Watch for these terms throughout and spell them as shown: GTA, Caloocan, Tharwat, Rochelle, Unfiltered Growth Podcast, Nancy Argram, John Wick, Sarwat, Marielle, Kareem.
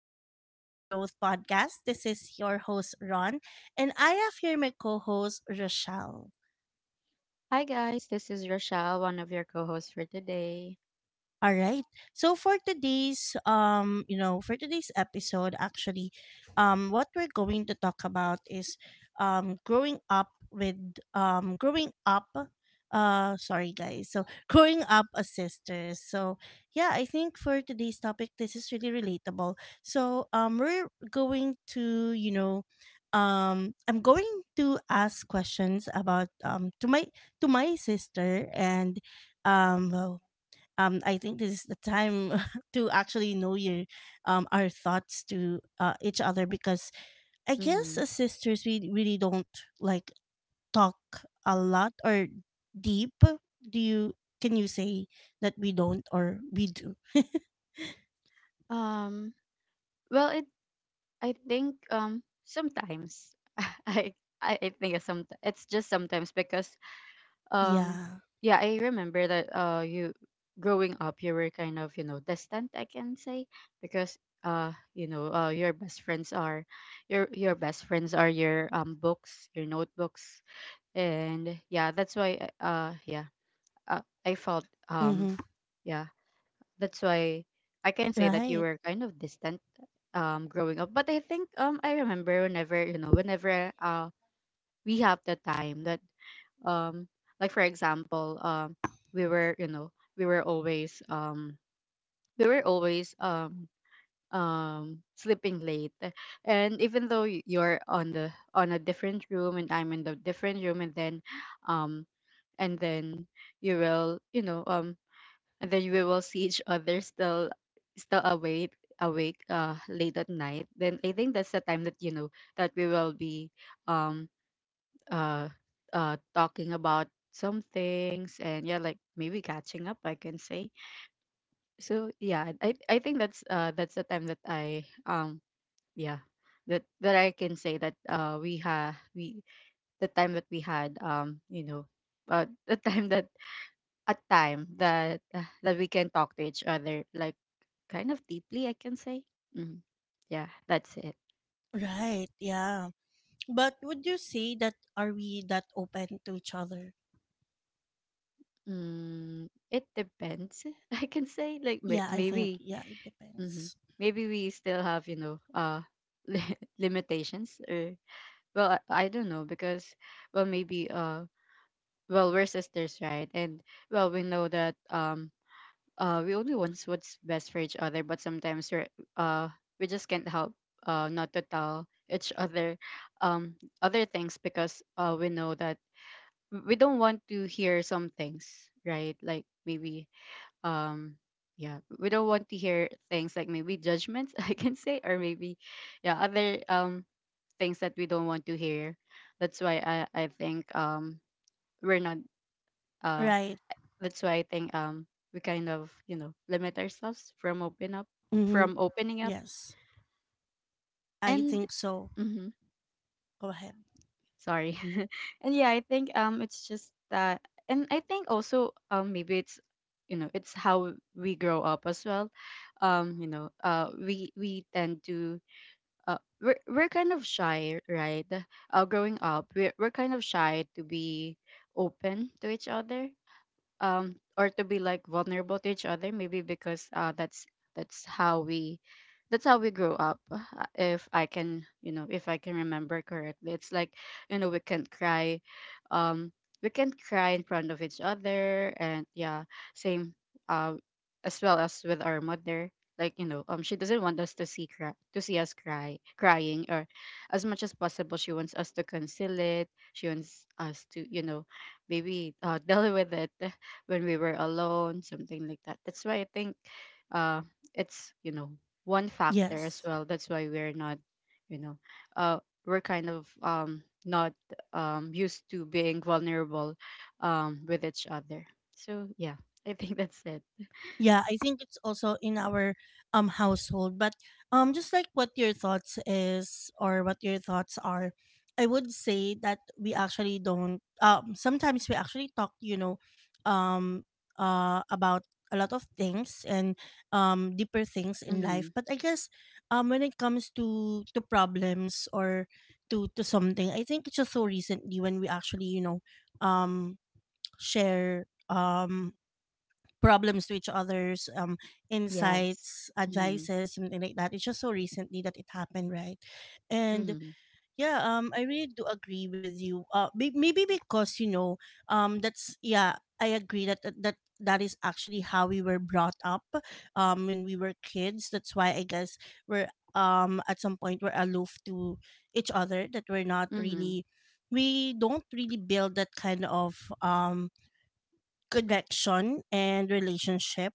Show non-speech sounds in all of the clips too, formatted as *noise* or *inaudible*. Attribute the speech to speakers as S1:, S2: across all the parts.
S1: Welcome to Unfiltered Growth Podcast. This is your host, Ron, and I have here my co host, Rochelle.
S2: Hi guys, this is Rochelle, one of your co-hosts for today.
S1: All right. So for today's for today's episode actually, what we're going to talk about is um growing up with growing up sorry guys. So *laughs* growing up as sisters. So yeah, I think for today's topic this is really relatable. So we're going to I'm going to ask questions about to my sister and um I think this is the time *laughs* to actually know your our thoughts to each other because I guess
S2: Hmm.
S1: as sisters we really don't like talk a lot or deep. Do you Can you say that we don't or we do? *laughs*
S2: Um, well, it I think sometimes. *laughs* I I think it's just sometimes, because um
S1: Yeah.
S2: yeah, I remember that you growing up, you were kind of, you know, distant, I can say, because you know, your best friends are your books, your notebooks. And yeah, that's why yeah, uh, I felt
S1: Mm-hmm.
S2: yeah. That's why I can say that you
S1: Right.
S2: were kind of distant growing up. But I think I remember whenever, you know, whenever we have the time that, um like, for example, we were, you know, we were always um we were always sleeping late. And even though you're on the on a different room and I'm in the different room, um and then you will, you know, and then we will see each other still, awake, late at night. Then I think that's the time that, you know, that we will be um uh talking about some things. And yeah, like, maybe catching up, I can say. So yeah, I think that's the time that I, yeah, that I can say that we the time that we had, you know, the *laughs* time that a time that, that we can talk to each other, like, kind of deeply, I can say. Mm. Yeah, that's it.
S1: Right. Yeah. But would you say that are we that open to each other?
S2: Mm, it depends, *laughs* I can say. Like,
S1: Yeah, I think
S2: maybe,
S1: yeah, it
S2: hmm,
S1: depends.
S2: maybe we still have, you know, *laughs* limitations. Or well, I don't know, because, well, maybe, well, we're sisters, right? And well, we know that, we only want what's best for each other, but sometimes we're, we just can't help, not to tell each other other things, because we know that, we don't want to hear some things, right? Like, maybe, um yeah, we don't want to hear things, like, maybe judgments, *laughs* I can say, or maybe, yeah, other things that we don't want to hear. That's why I think we're not, uh
S1: Right.
S2: that's why I think we kind of, you know, limit ourselves from open up,
S1: Mm-hmm.
S2: from opening up.
S1: Yes. I
S2: And
S1: think so.
S2: mm-hmm,
S1: Go ahead.
S2: sorry. *laughs* And yeah, I think, it's just that. And I think also, maybe it's, you know, it's how we grow up as well. You know, we tend to, we're kind of shy, right? Growing up, we're kind of shy to be open to each other, or to be like vulnerable to each other, maybe because that's how we that's how we grew up. Uh, if i can you know if I can remember correctly, it's like, you know, um we can cry in front of each other. And yeah, same, uh as well as with our mother. Like, you know, she doesn't want us to see us crying, or as much as possible she wants us to conceal it, she wants us to, you know, maybe, *laughs* deal with it when we were alone, something like that. That's why I think, uh, it's, you know, one factor as
S1: Yes.
S2: well. That's why we're not, you know, uh, we're kind of, not, used to being vulnerable, with each other. So, yeah, I think *laughs* that's it.
S1: Yeah, I think it's also in our household. But just like what your thoughts is or what your thoughts are, I would say that we actually don't, sometimes we actually talk, um about a lot of things and deeper things in life.
S2: Mm-hmm.
S1: But I guess when it comes to problems or to something, I think it's just so recently when we actually, you know, um share problems to each other's
S2: Yes.
S1: insights,
S2: Mm-hmm.
S1: advices, something like that. It's just so recently that it happened, right? And
S2: Mm-hmm.
S1: yeah, I really do agree with you. Maybe because, you know, that's yeah I agree that that is actually how we were brought up when we were kids. That's why I guess we're, at some point, we're aloof to each other, that we're not
S2: Mm-hmm.
S1: really, we don't really build that kind of connection and relationship.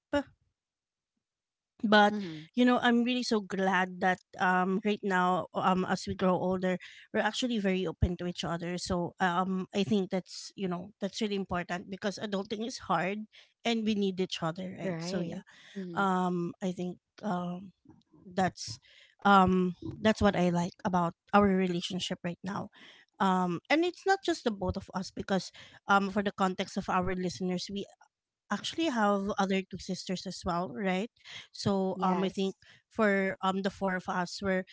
S1: But
S2: Mm-hmm.
S1: you know, I'm really so glad that right now, as we grow older, we're actually very open to each other. So I think that's, you know, that's really important because adulting is hard and we need each other, right? So
S2: Right.
S1: yeah,
S2: Mm-hmm.
S1: I think um that's um that's what I like about our relationship right now, and it's not just the both of us because, for the context of our listeners, we actually have other two sisters as well, right? So I think
S2: Yes.
S1: for the four of us were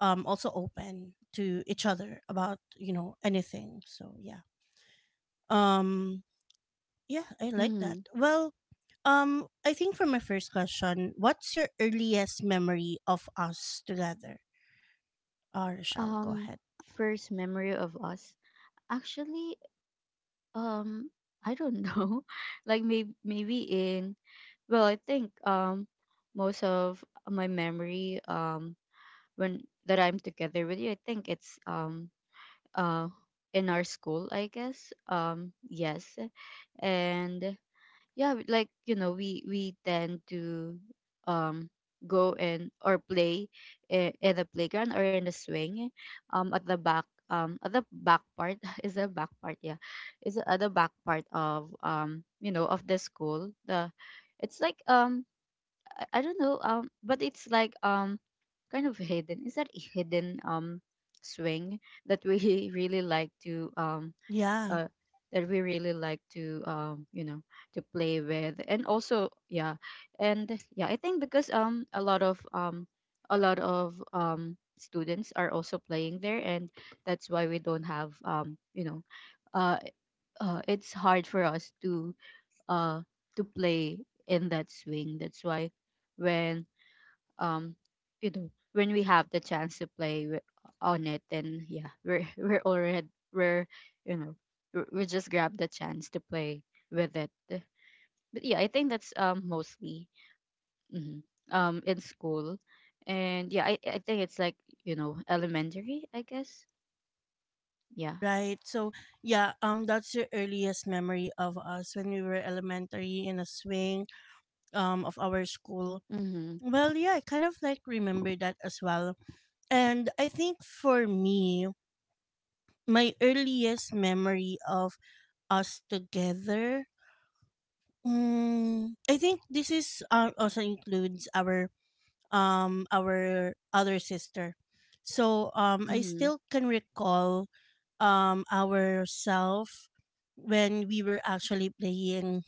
S1: also open to each other about, you know, anything. So yeah. Um yeah, I like that.
S2: Mm-hmm.
S1: Well, I think for my first question, what's your earliest memory of us together? Rochelle, go
S2: Um,
S1: ahead.
S2: first memory of us. Actually, Um, I don't know. *laughs* Like, maybe in, well, I think, most of my memory, when that I'm together with you, I think it's, uh in our school, I guess. Yes. And yeah, like, you know, we tend to, um go and or play, in the playground or in the swing, at the back, at the back part. *laughs* Is the back part? Yeah. Is at the back part of, you know, of the school. The It's like, I don't know, but it's like, kind of hidden. Is that a hidden, swing that we *laughs* really like to,
S1: Yeah,
S2: uh, that we really like to, you know, to play with. And also, yeah, and yeah, I think because, a lot of students are also playing there. And that's why we don't have, you know, uh it's hard for us to, uh to play in that swing. That's why when, um you know, when we have the chance to play, on it, then yeah, we're *laughs* we're already we're you know we're- we just grab the chance to play with it. But yeah, I think that's, mostly, hmm, in school. And yeah, I think it's like, you know, elementary, I guess. Yeah.
S1: right. So yeah, that's your earliest memory of us when we were elementary in a swing of our school.
S2: Mhm.
S1: Well, yeah, I kind of like remember that as well. And I think for me, my earliest memory of us together, mm, I think this is also includes our other sister. So I
S2: Mhm.
S1: still can recall ourself when we were actually playing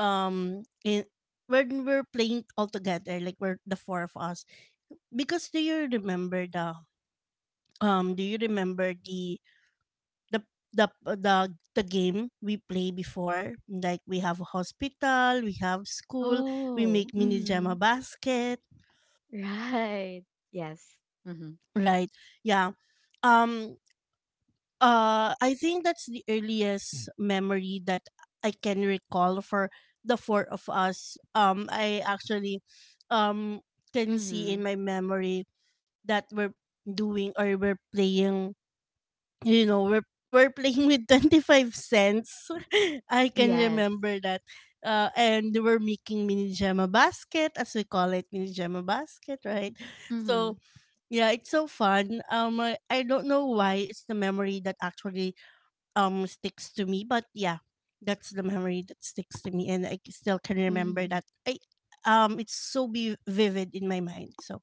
S1: in when we're playing all together, like we're the four of us, because do you remember the do you remember the the uh, the the game we play before, like we have a hospital, we have school, we
S2: Oh,
S1: make mini
S2: mhm.
S1: gemma basket,
S2: *laughs* Right. Yes. Mhm.
S1: right? Yeah. um I think that's the earliest memory that I can recall for the four of us. I actually um can see
S2: Mhm.
S1: in my memory that we're doing, or we're playing, you know, we're playing with 25¢ *laughs* I can
S2: Yes.
S1: remember that. Uh, and we're making mini gemma basket, as we call it, mini gemma basket, right? So
S2: Mhm.
S1: yeah, it's so fun. I don't know why it's the memory that actually sticks to me, but yeah, that's the memory that sticks to me and I still can remember
S2: Mhm.
S1: that I It's so be vivid in my mind. So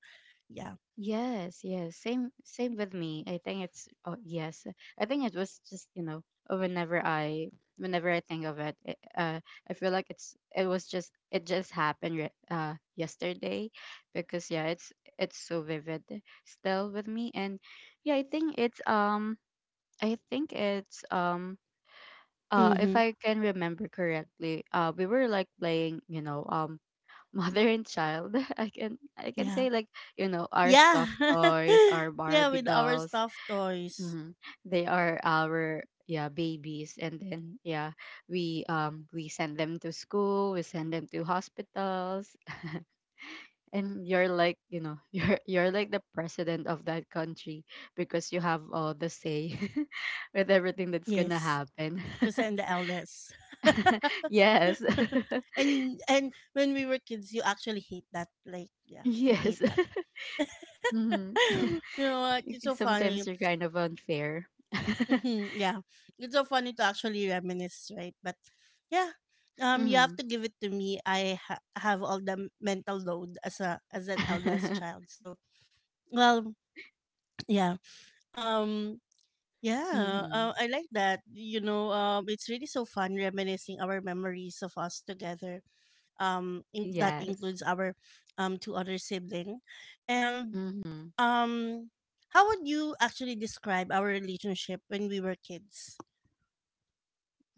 S1: yeah.
S2: Yes, yes. Same with me. I think it's, oh yes. I think it was just, you know, uh, whenever I whenever I think of it, I feel like it was just it just happened, yesterday. Because yeah, it's so vivid, still with me. And yeah, I think it's, if
S1: Mm-hmm.
S2: I can remember correctly, we were like playing, you know, mother and child. *laughs* I can say, like, you know, our
S1: Yeah.
S2: stuffed toys,
S1: *laughs*
S2: our
S1: Yeah,
S2: Barbie
S1: with our
S2: dolls.
S1: stuffed toys.
S2: Hmm. They are our, yeah, babies. And then yeah, we send them to school, we send them to hospitals. *laughs* And you're like, you know, *laughs* you're like the president of that country, because you have all the say *laughs* with everything that's gonna
S1: Yes.
S2: happen.
S1: Because
S2: *laughs*
S1: I'm the eldest.
S2: Yes.
S1: *laughs* And when we were kids you actually hate that. Like
S2: *laughs*
S1: yeah, you hate
S2: Yes.
S1: that.
S2: *laughs* Hmm.
S1: *laughs* You
S2: *laughs*
S1: know what? It's so funny.
S2: Sometimes you're kind of unfair. *laughs*
S1: Mhm, yeah. It's so funny to actually reminisce, right? But yeah. You have
S2: Mhm.
S1: to give it to me. I ha- have all the mental load as a as an eldest
S2: Mhm.
S1: child. So well, yeah. Um Yeah, I
S2: *laughs*
S1: like that. You know, it's really so fun reminiscing our memories of us together. That
S2: Yes.
S1: includes our two other sibling, and
S2: Mhm.
S1: um, how would you actually describe our relationship when we were kids?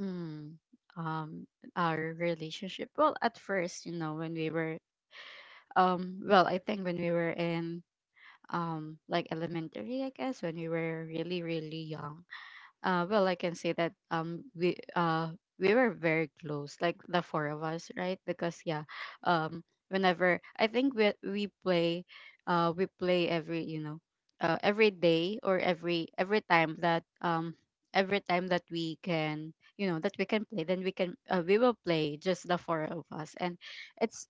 S2: Mhm. Um, our relationship. Well, at first, you know, well, I think when we were in, like, elementary, I guess, when we were really, really young. Well, I can say that we were very close, like the four of us, right? Because yeah, um whenever I think we play every, you know, every day, or every time that, every time that we can, you know, that we can play, then we will play just the four of us. And it's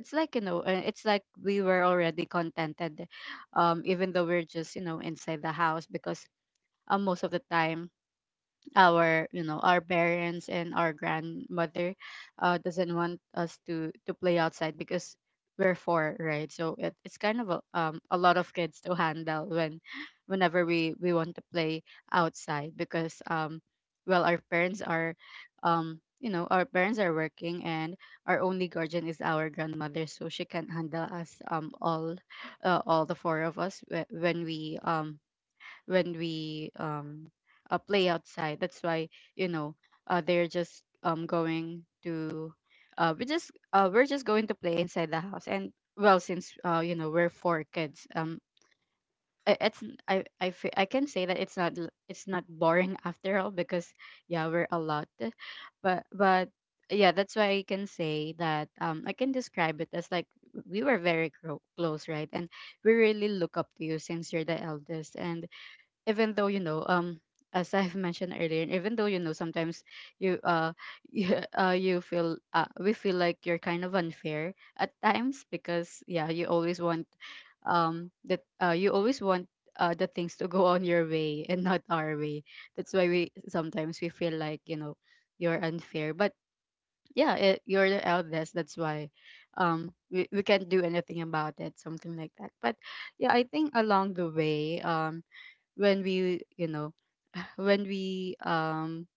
S2: it's like, you know, it's like we were already contented, even though we're just, you know, inside the house, because, most of the time our you know our parents and our grandmother, doesn't want us to play outside, because we're four, right? So it's kind of, a lot of kids to handle, whenever we want to play outside. Because, well, our parents are working, and our only guardian is our grandmother, so she can handle us, all, all the four of us, when we play outside. That's why, you know, they're just going to we just we're just going to play inside the house. And well, since you know, we're four kids, I- it's I fe- I can say that it's not l- it's not boring *laughs* after all, because yeah, we're a lot. But, yeah, that's why I can say that, I can describe it as like we were very close, right? And we really look up to you since you're the eldest. And even though, you know, as I've mentioned earlier, even though, you know, sometimes you *laughs* you, you feel we feel like you're kind of unfair at times, because yeah, you always want, that you always want, the things to go *laughs* on your way and not our way. That's why we sometimes we feel like, you know, you're unfair. But yeah, you're the eldest. That's why, we can't do anything about it, something like that. But yeah, I think along the way when we you know when we um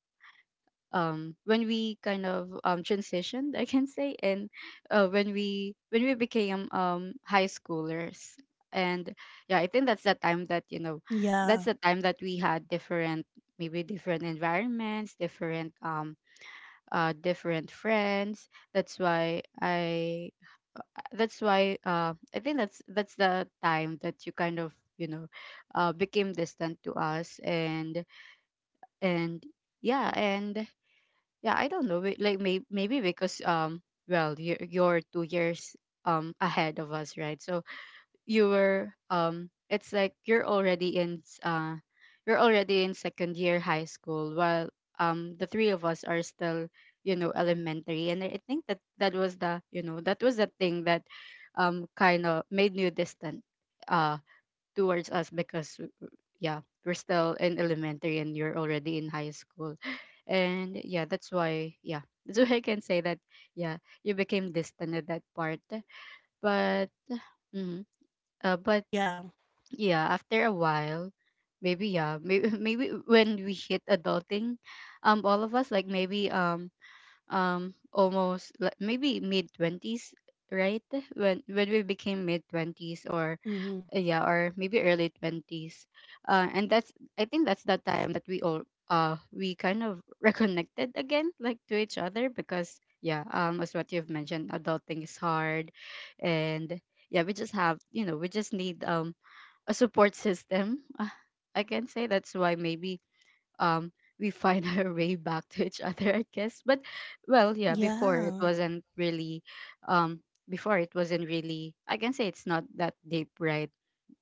S2: when we kind of transitioned I can say, and when we became high schoolers. And yeah, I think that's the time that
S1: Yeah,
S2: that's the time that we had different, maybe different environments, different different friends. That's why I think that's the time that you kind of you know became distant to us. And and yeah and yeah, I don't know, but, like maybe because well you're 2 years ahead of us, right? So you were, it's like you're already in you're already in second year high school, while the three of us are still, you know, elementary. And I think that that was the, you know, that was the thing that kind of made you distant uh towards us. Because yeah, we're still in elementary and you're already in high school, *laughs* and yeah, that's why, yeah, *laughs* that's why I can say that yeah, you became distant at that part. But mm, uh, but
S1: yeah,
S2: yeah, after a while, maybe, yeah, *laughs* maybe when we hit adulting, all of us, like maybe, almost, like maybe mid 20s, right? When we became mid 20s, or
S1: mm-hmm,
S2: yeah, or maybe early 20s. And that's, I think that's the time that we all we kind of *laughs* reconnected again, like to each other. Because yeah, as what you've mentioned, adulting is hard. And yeah, we just have, you know, we just need a support system, I can say. That's why maybe um we find *laughs* our way back to each other, I guess. But yeah, before it
S1: yeah.
S2: wasn't really um before it wasn't really, I can say, it's not that deep, right?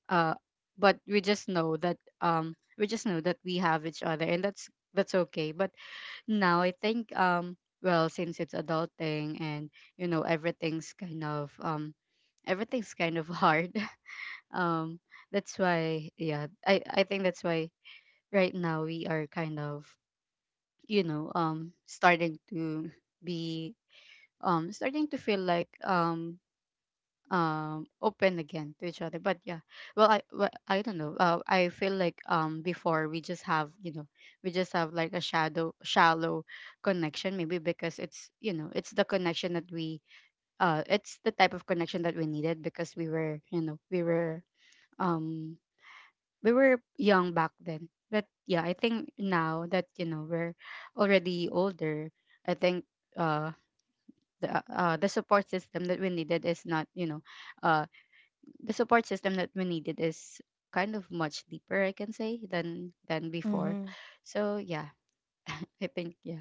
S2: uh but we just know that we just know that we have each other, and that's okay. But now I think well, since it's adulting and you know, everything's kind of hard. *laughs* um that's why yeah, I think that's why right now we are kind of, you know, starting to be starting to feel like open again to each other. But yeah, well, I don't know, I feel like before we just have, you know, we just have like a shadow shallow connection, maybe because it's, you know, it's the connection that we it's the type of connection that we needed, because we were, you know, um we were young back then. But yeah, I think now that you know, we're already older, I think uh the support system that we needed is not, you know, uh the support system that we needed is kind of much deeper, I can say, than before.
S1: Mm-hmm.
S2: So yeah, I think yeah.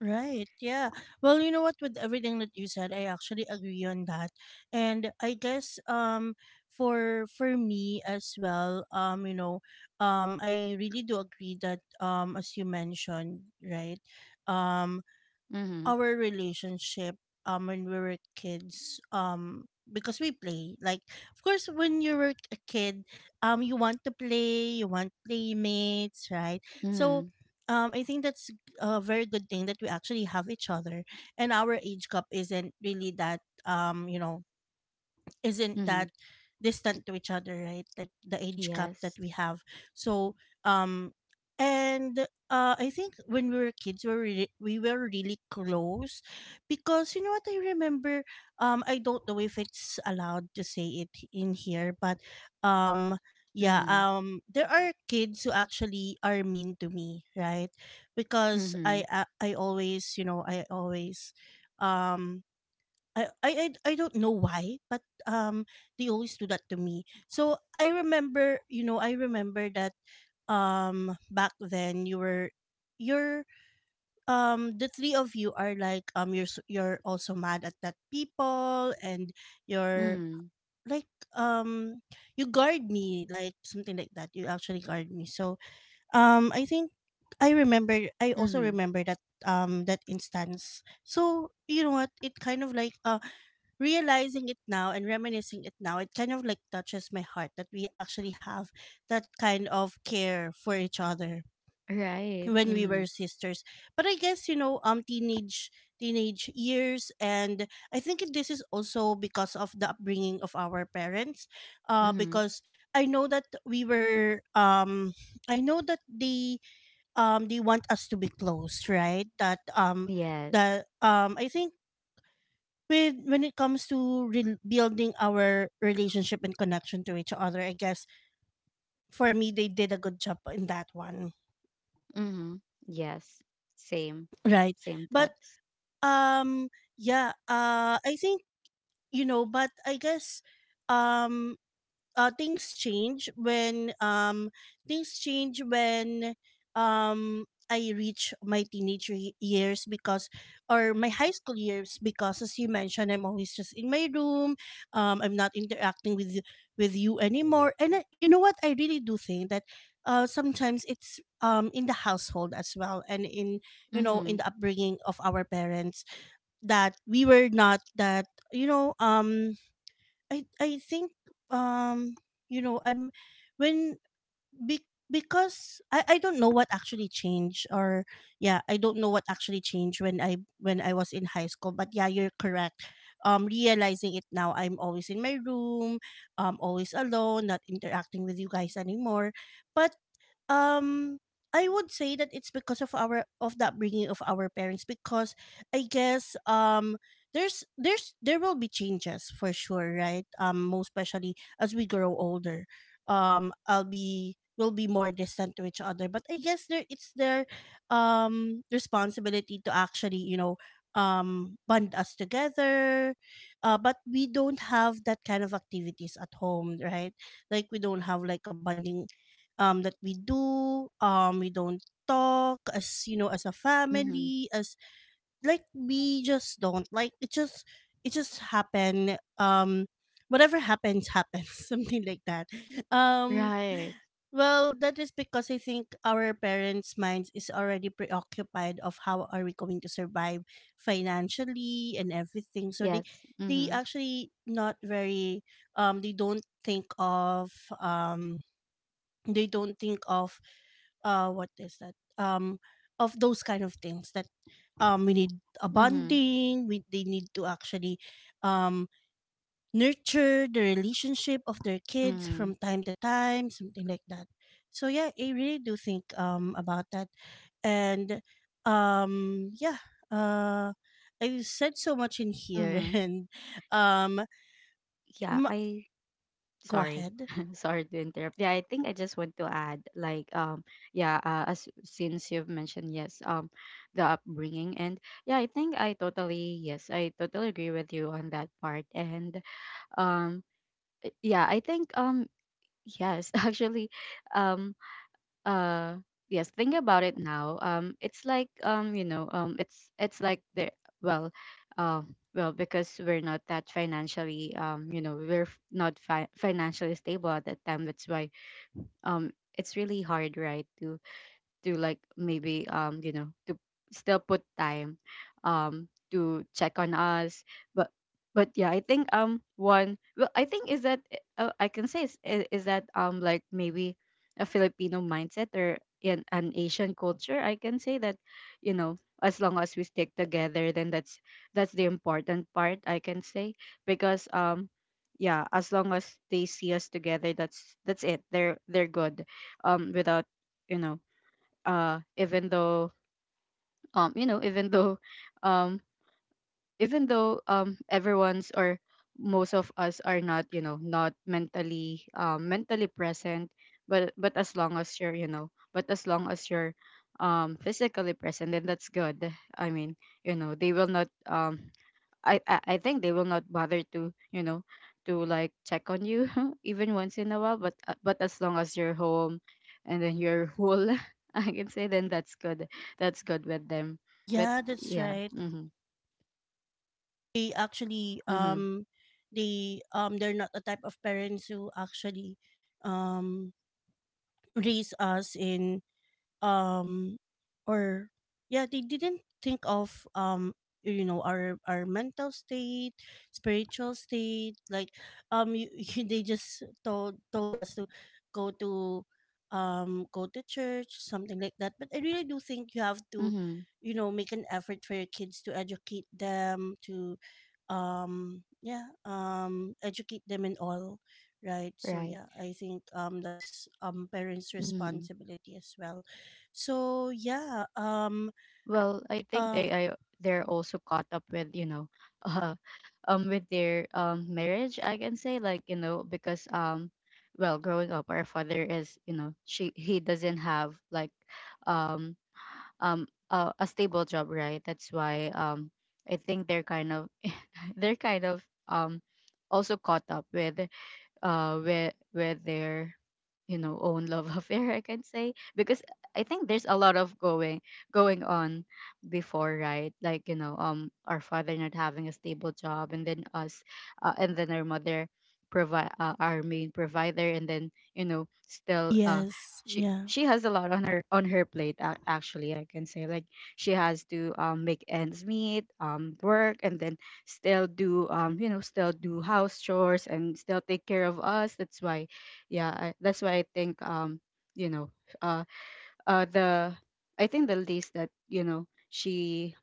S1: Right. Yeah. Well, you know what? With everything that you said, I actually agree on that. And I guess for me as well, you know, I really do agree that, as you mentioned, right? Um
S2: Mm-hmm.
S1: our relationship when we were kids, because we play, like, of course when you were a kid, you want to play, you want playmates, right? So
S2: Mm-hmm.
S1: I think that's a very good thing that we actually have each other, and our age gap isn't really that, you know, isn't
S2: Hmm.
S1: that distant to each other, right? Like the age gap that
S2: Yes.
S1: we have. So um and uh, I think when we were kids we were we were really close because, you know what, I remember, I don't know if it's allowed to say it in here, but um yeah
S2: Mm-hmm.
S1: there are kids who actually are mean to me, right? Because
S2: Mm-hmm.
S1: I always, you know, I always um I I I I don't know why, but they always do that to me. So I remember, you know, I remember that, back then you were, you're the three of you are like, you're you're also mad at that people and you're
S2: Mm-hmm.
S1: like, um you guard me, like something like that, you actually guard me. So I think I also
S2: Mm-hmm.
S1: remember that instance. So you know what, it kind of like, realizing it now and reminiscing it now, it kind of like touches my heart that we actually have that kind of care for each other
S2: Right.
S1: when we
S2: Mm-hmm.
S1: were sisters. But I guess, you know, teenage years, and I think this is also because of the upbringing of our parents,
S2: Mm-hmm.
S1: because I know that we were, I know that they, they want us to be close, right? that
S2: Yes.
S1: that I think with, when it comes to building our relationship and connection to each other, I guess for me they did a good job in that one.
S2: Mm-hmm. Yes. Same.
S1: Right?
S2: Same
S1: But
S2: thoughts.
S1: um yeah, I think, you know, but I guess, um uh, things change when um things change when I reach my teenage years, because, or my high school years, because as you mentioned, I'm always just in my room, I'm not interacting with you anymore. And I, you know what, I really do think that, sometimes it's in the household as well, and in, you know, in the
S2: Mm-hmm.
S1: upbringing of our parents, that we were not that, you know, I think um you know, when because I don't know what actually changed, or yeah, I don't know what actually changed when I was in high school. But yeah, you're correct, realizing it now, I'm always in my room, always alone, not interacting with you guys anymore. But um I would say that it's because of our, of the upbringing of our parents, because I guess, there will be changes for sure, right? Most especially as we grow older, I'll be will be more distant to each other. But I guess there, it's their responsibility to actually, you know, bond us together. But we don't have that kind of activities at home, right? Like we don't have like a bonding that we do, we don't talk as, you know, as a
S2: Mm-hmm.
S1: family, as, like we just don't, like it just, it just happened, whatever happens happens *laughs* something like that. um
S2: Right.
S1: well, that is because I think our parents minds is already preoccupied of how are we going to survive financially and everything. So they
S2: Yes.
S1: they
S2: Mm-hmm.
S1: actually not very, they don't think of um they don't think of, uh, what is that, of those kind of things that, we need a
S2: Mm-hmm.
S1: bonding, we, they need to actually um nurture the relationship of their kids
S2: Mm-hmm.
S1: from time to time, something like that. So yeah, I really do think about that. And yeah, uh I said so much in here *laughs*
S2: Mm-hmm.
S1: and um
S2: yeah
S1: m-
S2: i
S1: go
S2: sorry
S1: ahead.
S2: *laughs* sorry to interrupt. Yeah, I think I just want to add, like yeah, as since you've mentioned, yes, the upbringing. And yeah, I think I totally, yes, I totally agree with you on that part. And um yeah, I think yes, *laughs* actually, um uh yes, think about it now, it's like you know, it's like the well uh, well because we're not that financially you know, we're not financially stable at that time, that's why um it's really hard, right, to like maybe you know, to still put time to check on us. But but yeah, I think one well I think is that I can say is that like maybe a Filipino mindset, or in an Asian culture, I can say that, you know, as long as we stick together, then that's the important part, I can say. Because yeah, as long as they see us together, that's it, they're good. Without, you know, even though you know, even though *laughs* um even though everyone's or most of us are not, you know, not mentally, mentally present, but as long as you're, you know, but as long as you're physically present, then that's good. I mean, you know, they will not I think they will not bother to, you know, to like check on you *laughs* even once in a while. But but as long as you're home, and then you're whole, *laughs* I can say, then that's good. That's good with them. But
S1: Yeah, that's
S2: yeah.
S1: right.
S2: Mm-hmm.
S1: They actually
S2: Mm-hmm.
S1: they they're not the type of parents who actually um raise us in um or yeah, they didn't think of you know, our mental state, spiritual state, like you, *laughs* you, they just told us to go to go to church, something like that. But I really do think you have to,
S2: Mm-hmm.
S1: you know, make an effort for your kids to educate them to yeah, educate them and all right. So
S2: Right.
S1: yeah, I think that's parents'
S2: Mm.
S1: responsibility as well. So
S2: Well, I think
S1: uh
S2: they are, they're also caught up with, you know, *laughs* uh, with their marriage. I can say, like, you know, because well, growing up, our father is, you know, she he doesn't have like, um a stable job, right? That's why I think they're kind of *laughs* they're kind of um also caught up with with their, you know, own love *laughs* affair, I can say. Because I think there's a lot of going on before, right? Like, you know, our father not having a stable job, and then us, and then our mother provide, our main provider, and then you know, still,
S1: yes, yeah.
S2: she has a lot on her plate, actually, I can say, like, she has to make ends meet, work, and then still do, you know, still do house chores and still take care of us. That's why yeah, that's why I think you know, uh the I think the least that, you know, she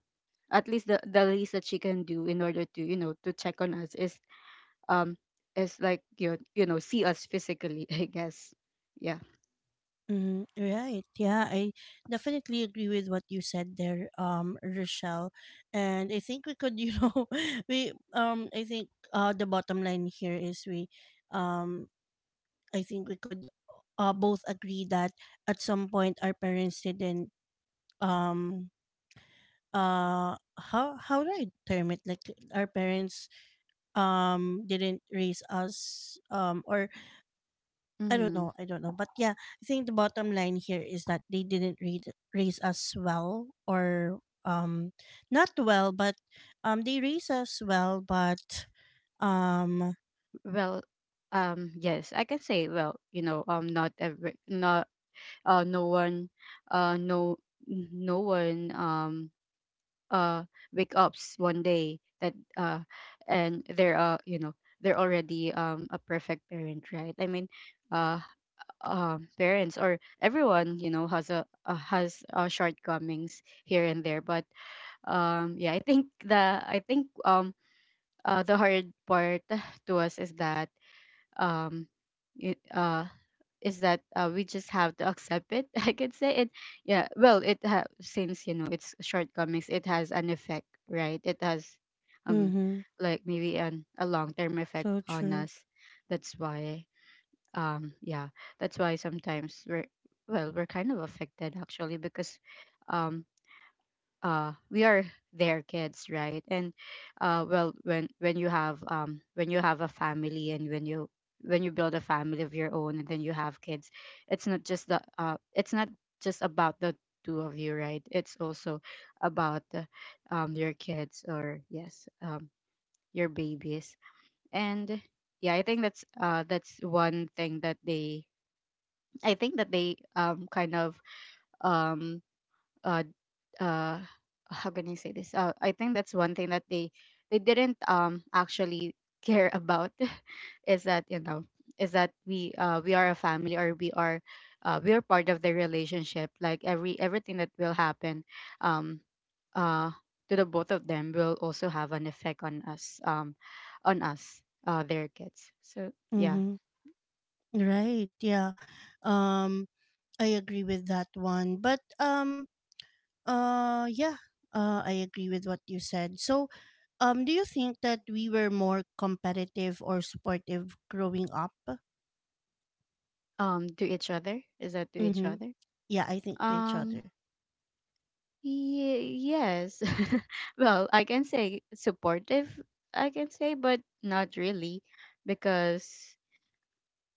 S2: at least the least that she can do in order to, you know, to check on us um is like you know, see us physically *laughs* I guess. Yeah.
S1: Mm, right. Yeah, I definitely agree with what you said there, Rochelle. And I think we could, you know, *laughs* we I think the bottom line here is we um I think we could both agree that at some point our parents didn't um how do I term it? Like our parents didn't raise us or I don't
S2: Mm-hmm.
S1: know. I don't know. But yeah, I think the bottom line here is that they didn't read, raise us well or not well, but they raise us well, but um.
S2: Well, yes, I can say, well, you know, not no one uh no no one uh wake ups one day that and they're, you know, they're already a perfect parent, right? I mean uh parents, or everyone, you know, has a, has shortcomings here and there. But yeah, I think the hard part *sighs* to us is that um y- uh we just have to accept it, *laughs* I could say it. Yeah, well, it since you know, it's shortcomings, it has an effect, right? It has um
S1: Mm-hmm.
S2: like maybe an a long term effect
S1: So
S2: on
S1: true.
S2: us. That's why yeah, that's why sometimes we're, well we're kind of affected, actually, because um we are their kids, right? And well, when you have, when you have a family, and when you build a family of your own, and then you have kids, it's not just the, it's not just about the two of you, right? It's also about the, your kids, or yes, your babies. And yeah, I think that's, that's one thing that they, I think that they kind of um uh uh *laughs* how can you say this, I think that's one thing that they didn't actually care about. *laughs* Is that, you know, is that we, we are a family, or we are part of the relationship. Like everything that will happen um uh to the both of them will also have an effect on us, on us, their kids. So yeah.
S1: Mm-hmm. Right. Yeah. Um, I agree with that one. But yeah. I agree with what you said. So, do you think that we were more competitive or supportive growing up?
S2: To each other, is that to each
S1: Mm-hmm.
S2: other?
S1: Yeah, I think to each
S2: Um.
S1: other.
S2: Ye Yes. *laughs* Well, I can say supportive, I can say, but not really, because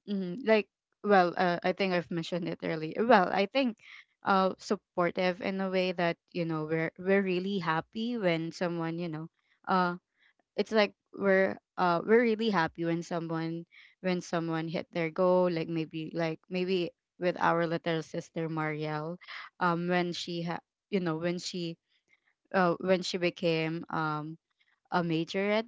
S2: mm, like, well, I think I've mentioned it earlier. Well, I think supportive in a way that, you know, we're really happy when someone, you know, uh it's like we're really happy when someone hit their goal. Like maybe, with our little sister Marielle, when she ha you know, when she, when she became a majorette.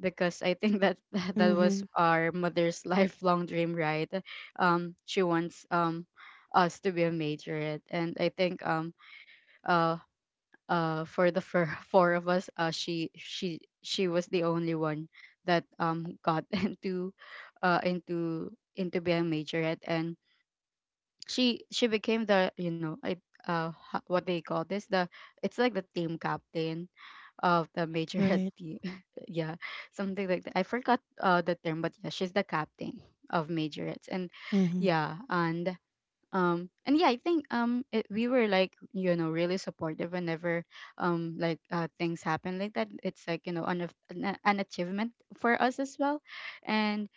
S2: Because I think that *laughs* that that was
S1: Mm-hmm.
S2: our mother's *laughs* lifelong dream, right? She wants us to be a majorette, and I think uh for the four, *laughs* four of us, she was the only one that got *laughs* into into being a majorette. And she became the, you know, what they call this, the it's like the team captain of the major *laughs* at
S1: Right.
S2: the *laughs* yeah, something like that. I forgot the term, but yeah, she's the captain of majorettes. And
S1: Mm-hmm.
S2: yeah, and yeah, I think we were, like, you know, really supportive whenever like things happen like that. It's like, you know, an achievement for us as well. And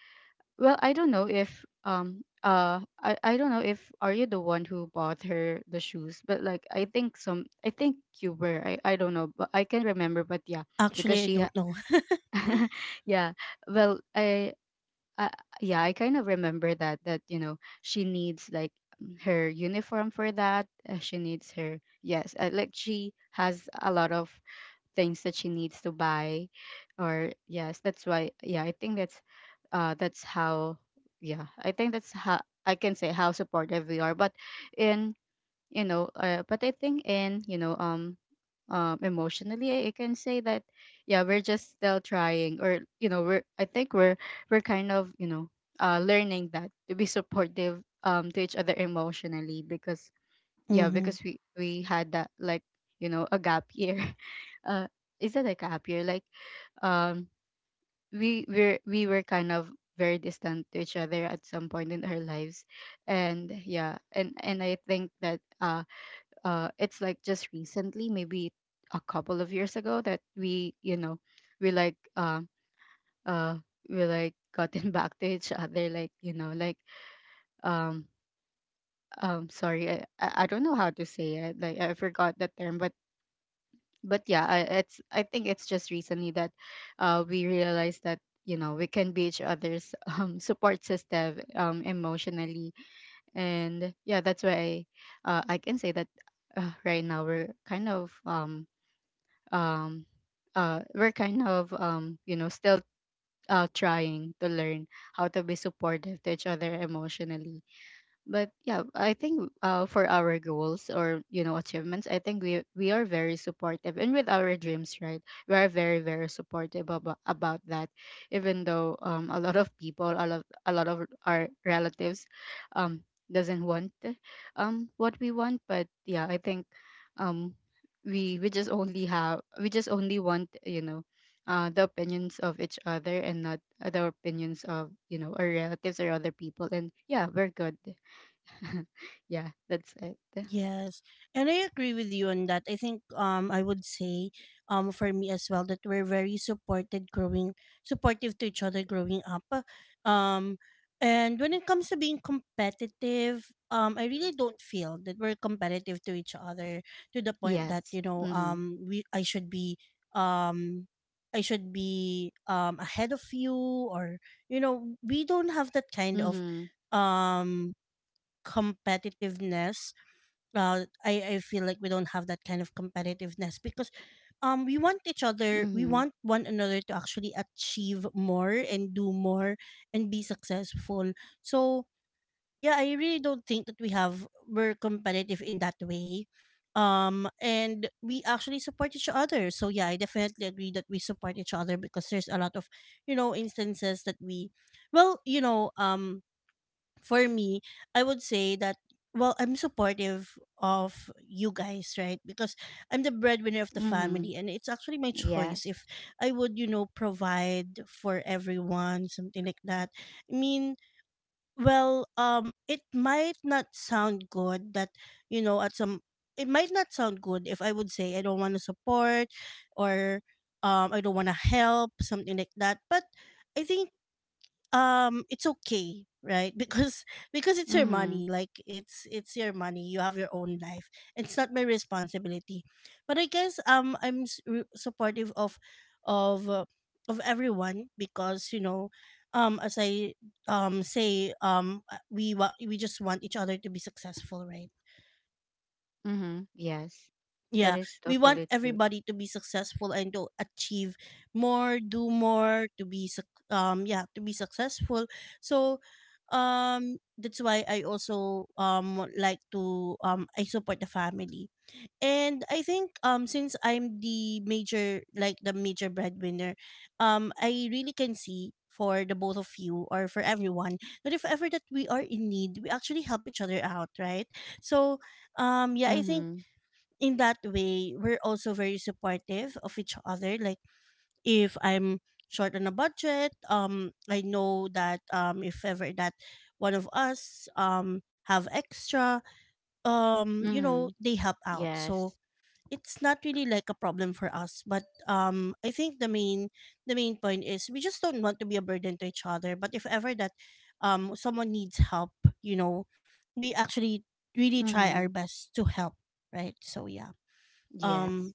S2: well, I don't know if I don't know if are you the one who bought her the shoes, but like I think some I think you were. I don't know, but I can remember, but yeah, because
S1: Actually, I
S2: she
S1: don't know. *laughs*
S2: *laughs* yeah. Well, I yeah, I kind of remember that she needs like her uniform for that. She needs her yes, like she has a lot of things that she needs to buy or yes, that's why. Yeah, I think that's how. Yeah, I think that's how I can say how supportive we are, but in you know but I think in you know emotionally I can say that yeah, we're just still trying, or we're, I think we're kind of, learning that to be supportive to each other emotionally, because yeah,
S1: Mm-hmm.
S2: because we had that like, you know, a gap year *laughs* uh is that like a gap year like um we were kind of very distant to each other at some point in our lives. And yeah, and I think that it's like just recently, maybe a couple of years ago, that we, you know, we like um uh, uh we like gotten *laughs* back to each other, like, you know, like um sorry, I I don't know how to say it, like I forgot the term. But yeah, it's, I think it's just recently that we realized that you know we can be each other's *laughs* support system, emotionally. And yeah, that's why I can say that right now we're kind of um, we're kind of, you know, still trying to learn how to be supportive to each other emotionally. But yeah, I think, for our goals, or you know, achievements, I think we are very supportive, and with our dreams, right? We are very, very supportive about that, even though a lot of people, a lot of our relatives um doesn't want what we want. But yeah, I think um we just only want, you know, the opinions of each other, and not the opinions of, you know, our relatives or other people. And yeah, we're good. *laughs* Yeah, that's it.
S1: Yes, and I agree with you on that. I think I would say for me as well that we're very supported growing supportive to each other growing up. Um and when it comes to being competitive, I really don't feel that we're competitive to each other to the point that, you
S2: Yes.
S1: know,
S2: Mhm.
S1: we um I should be ahead of you, or you know, we don't have that kind of
S2: Mhm.
S1: um competitiveness. I feel like we don't have that kind of competitiveness because we want each other, we
S2: Mhm.
S1: want one another to actually achieve more and do more and be successful. So yeah, I really don't think that we're competitive in that way. And we actually support each other, so yeah, I definitely agree that we support each other because there's a lot of, you know, instances that we well you know for me, I would say that, well, I'm supportive of you guys, right? Because I'm the breadwinner of the family,
S2: Mhm.
S1: and it's actually my choice if
S2: Yes.
S1: I would, you know, provide for everyone, something like that. I mean, well, it might not sound good that, you know, at some It might not sound good if I would say I don't want to support or I don't want to help, something like that. But I think it's okay, right? *laughs* Because it's your
S2: Mhm.
S1: money, like it's your money, you have your own life, it's not my responsibility. But I guess I'm supportive of of uh, of everyone because, you know, as I say, we we just want each other to be successful, right?
S2: Mhm. Yes. That
S1: Yeah,
S2: is
S1: we want
S2: totally true.
S1: everybody to be successful and to achieve more, do more, to be yeah, to be successful. So that's why I also like to I support the family. And I think since I'm the major, like the major breadwinner, I really can see for the both of you or for everyone that if ever that we are in need, we actually help each other out, right? So yeah, I think
S2: Mhm.
S1: in that way, we're also very supportive of each other. Like if I'm short on a budget, I know that if ever that one of us have extra, you know,
S2: Mhm.
S1: they help out. So
S2: Yes.
S1: it's not really like a problem for us. But I think the main point is we just don't want to be a burden to each other. But if ever that someone needs help, you know, we actually really try our
S2: Mhm.
S1: best to help. Right. So yeah. Um
S2: Yes.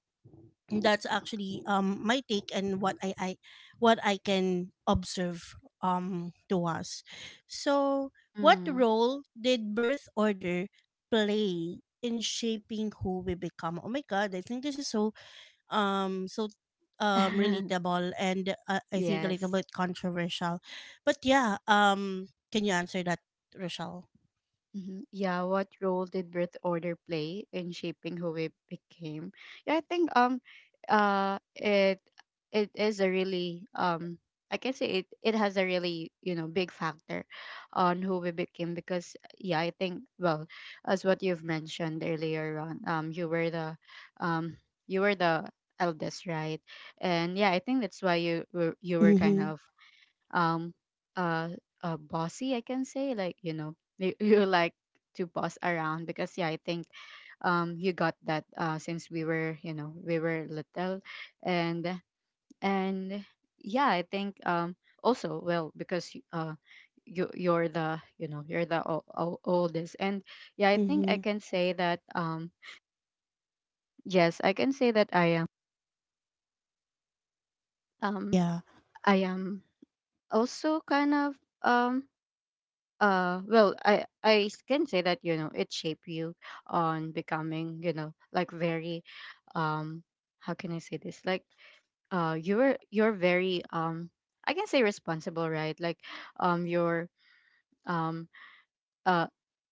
S1: that's actually my take and what I can observe to us. So what
S2: Mhm.
S1: role did birth order play in shaping who we become? Oh my god, I think this is so so
S2: *laughs*
S1: relatable and I think a little
S2: Yes.
S1: bit controversial. But yeah, can you answer that, Rochelle?
S2: Mhm. Yeah, what role did birth order play in shaping who we became? Yeah, I think, it, it is a really I can say it, it has a really, you know, big factor on who we became. Because yeah, I think, well, as what you've mentioned earlier on, you were the, um you were the eldest, right? And yeah, I think that's why you were kind
S1: Mhm.
S2: of um uh bossy, I can say. Like, you know, you, *laughs* you like to boss around, because yeah, I think you got that since we were, you know, we were little. and and yeah, I think, also, well, because you you're, the you know, you're the oldest. And yeah, I think I
S1: Mhm.
S2: can say that yes, I can say that I am, um
S1: Yeah.
S2: I am also kind of um well, can say that, you know, it shaped you on becoming, you know, like very um how can I say this, like you're very, I can say responsible, right? Like, you're, um uh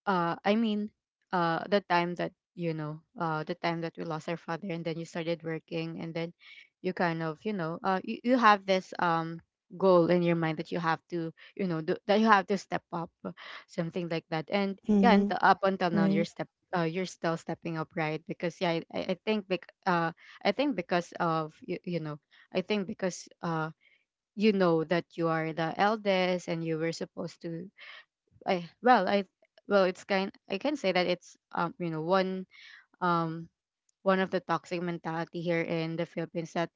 S2: I mean, the time that you know, the time that we lost our father, and then you started working, and then you kind of, you know, you, you have this goal in your mind that you have to, you know, do, that you have to step up, something like that. And yeah, and
S1: Mhm.
S2: up until now you're
S1: Right.
S2: step you're still stepping up, right? Because yeah, I think I think because of you, you know, I think because you know that you are the eldest and you were supposed to, I, well, it's kind, I can say that it's, you know, um one of the toxic mentality here in the Philippines that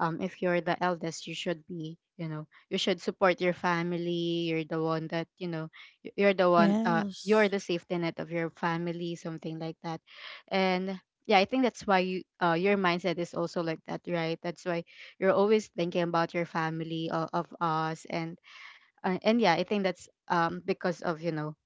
S2: if you're the eldest, you should be, you know, you should support your family, you're the one that, you know, you're the one, you're
S1: Yes.
S2: the safety net of your family, something like that. And yeah, I think that's why you, your mindset is also like that, right? That's why you're always thinking about your family, of us. And and yeah, I think that's because of, you know,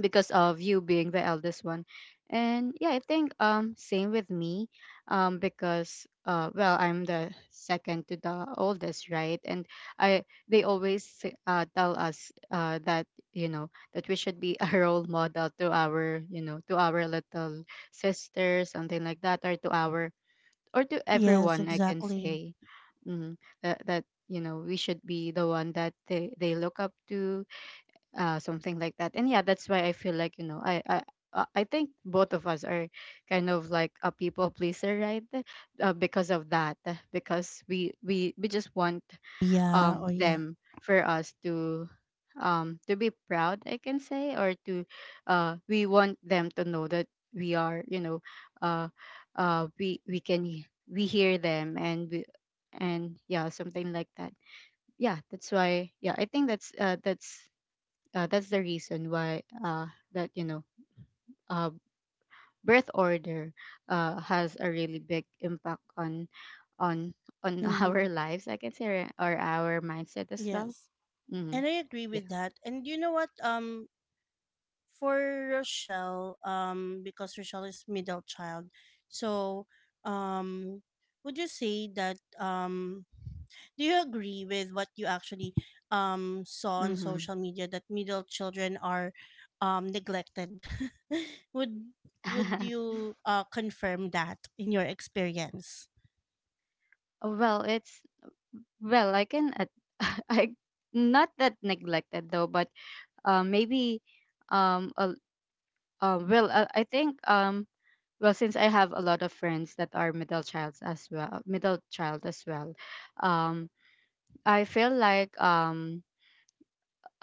S2: because of you being the eldest one. And yeah, I think, same with me. Because well, I'm the second to the oldest, right? And I they always tell us that, you know, that we should be *laughs* a role model to our, you know, to our little sister, something like that. Or to our, or to
S1: Yes,
S2: everyone, I can
S1: exactly.
S2: say. mm, That, you know, we should be the one that they look up to, something like that. And yeah, that's why I feel like, you know, I think both of us are kind of like a people pleaser, right? Because of that, because we just want
S1: Yeah, oh yeah.
S2: them, for us to, to be proud, I can say. Or to, we want them to know that we are, you know, uh we can we hear them, and we, and yeah, something like that. Yeah, that's why. Yeah, I think that's, that's the reason why, that, you know, uh, birth order, has a really big impact on on *laughs*
S1: Mm-hmm.
S2: our lives, I can say. Or our mindset as well.
S1: Yes.
S2: Mm-hmm.
S1: And I agree with
S2: Yeah.
S1: that. And you know what? For Rochelle, because Rochelle is middle child, so um, would you say that do you agree with what you actually saw on
S2: Mm-hmm.
S1: social media that middle children are neglected? *laughs* would would
S2: *laughs*
S1: you confirm that in your experience?
S2: Well, it's, well, I can *laughs* I, not that neglected though. But maybe um uh, well, I think, well, since I have a lot of friends that are middle childs as well, middle child as well, um I feel like,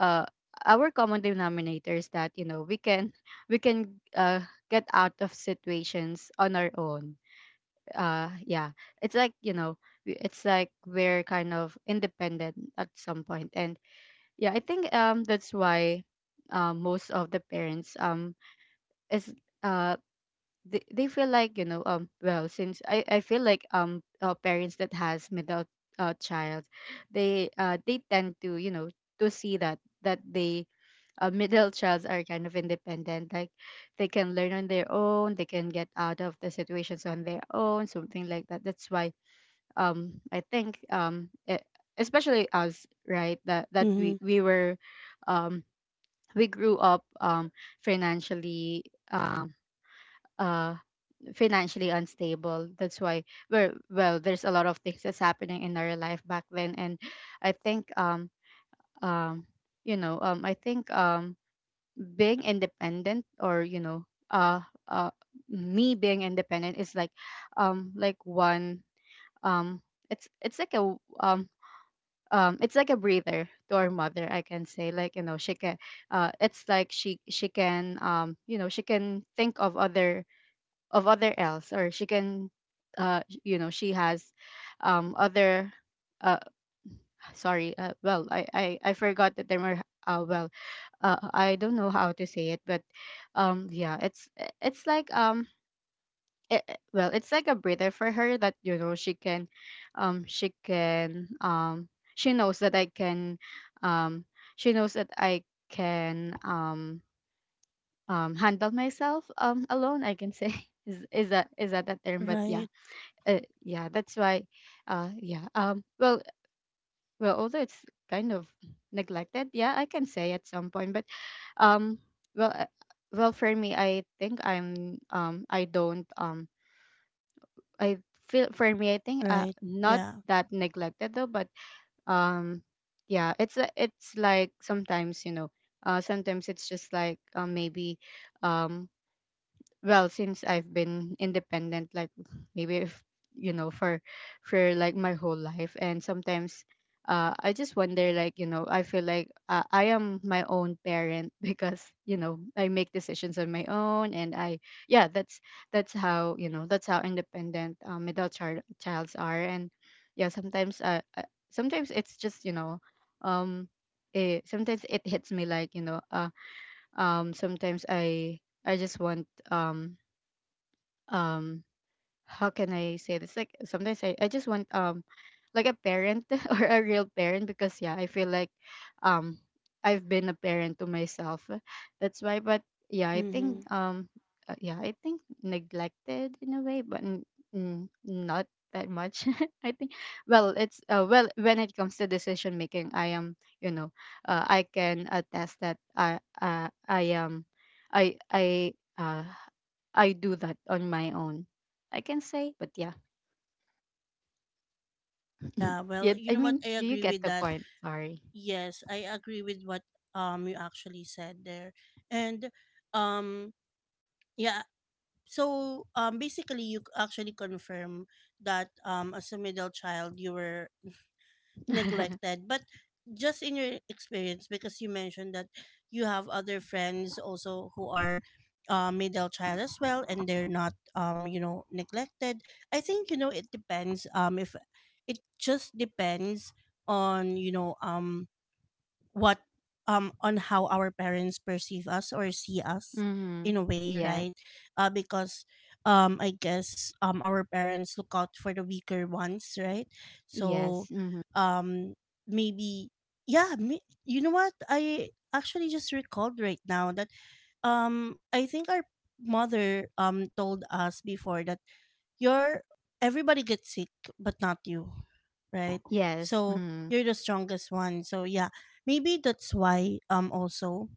S2: uh our common denominator is that, you know, we can *laughs* we can get out of situations on our own. Yeah, it's like, you know, it's like we're kind of independent at some point. And yeah, I think, that's why most of the parents, is uh they feel like, you know, well, since I feel like, parents that has middle, child, they, they tend to, you know, to see that that they, *laughs* middle childs are kind of independent, like they can learn on their own, they can get out of the situations on their own, something like that. That's why, I think, especially us, right? That that we
S1: Mm-hmm.
S2: we were, um we grew up, financially, um uh financially unstable. That's why we're, well, there's a lot of things that's happening in our life back then. And I think um you know, I think, being independent, or, you know, uh me being independent, is like, like one um it's like a it's like a breather to our mother, I can say. Like, you know, she can, it's like she can, you know, she can think of other, of other else. Or she can, you know, she has other, uh sorry, well, I forgot the term, or well, I don't know how to say it. But yeah, it's like, it, well, it's like a breather for her, that, you know, she can, she can, she knows that I can, um she knows that I can, handle myself, alone, I can say, *laughs* is that, is that that term? But yeah.
S1: Right.
S2: Yeah, that's why. Yeah. Well. Well, although it's kind of neglected, yeah, I can say at some point. But, um. Well. Well, for me, I think I'm. I don't. I feel, for me, I think.
S1: Right.
S2: Not
S1: Yeah.
S2: that neglected though, but. Um. Yeah. It's. It's like sometimes, you know. Sometimes it's just like. Maybe. Um, well, since I've been independent, like maybe if, you know, for like my whole life. And sometimes I just wonder, like, you know, I feel like, I am my own parent, *laughs* because, you know, I make decisions on my own, and I yeah, that's how, you know, that's how independent, middle childs are. And yeah, sometimes, sometimes it's just, you know, um it, sometimes it hits me, like, you know, sometimes I just want, um um how can I say this? Like sometimes I just want like a parent *laughs* or a real parent because yeah, I feel like um I've been a parent to myself. That's why, but yeah, I
S1: Mm-hmm.
S2: think um yeah, I think neglected in a way, but not that much. *laughs* I think, well, it's well, when it comes to decision making, I am, you know, I can attest that I I do that on my own. I can say, but yeah.
S1: Yeah.
S2: Yeah,
S1: Well, you
S2: I
S1: know what?
S2: mean,
S1: I
S2: do you
S1: agree
S2: get
S1: with
S2: the
S1: that.
S2: point? Sorry.
S1: Yes, I agree with what you actually said there. And um yeah, so basically you actually confirm that as a middle child you were
S2: *laughs*
S1: neglected, but just in your experience, because you mentioned that you have other friends also who are middle child as well, and they're not, you know, neglected. I think, you know, it depends, if it just depends on, you know, what on how our parents perceive us or see us
S2: Mhm.
S1: in a way,
S2: Yeah.
S1: right? Because our parents look out for the weaker ones, right? So
S2: Yes. Mhm.
S1: um maybe yeah you know what, I actually just recalled right now that I think our mother told us before that your everybody gets sick but not you, right?
S2: Yes.
S1: So
S2: Mhm.
S1: you're the strongest one. So yeah, maybe that's why also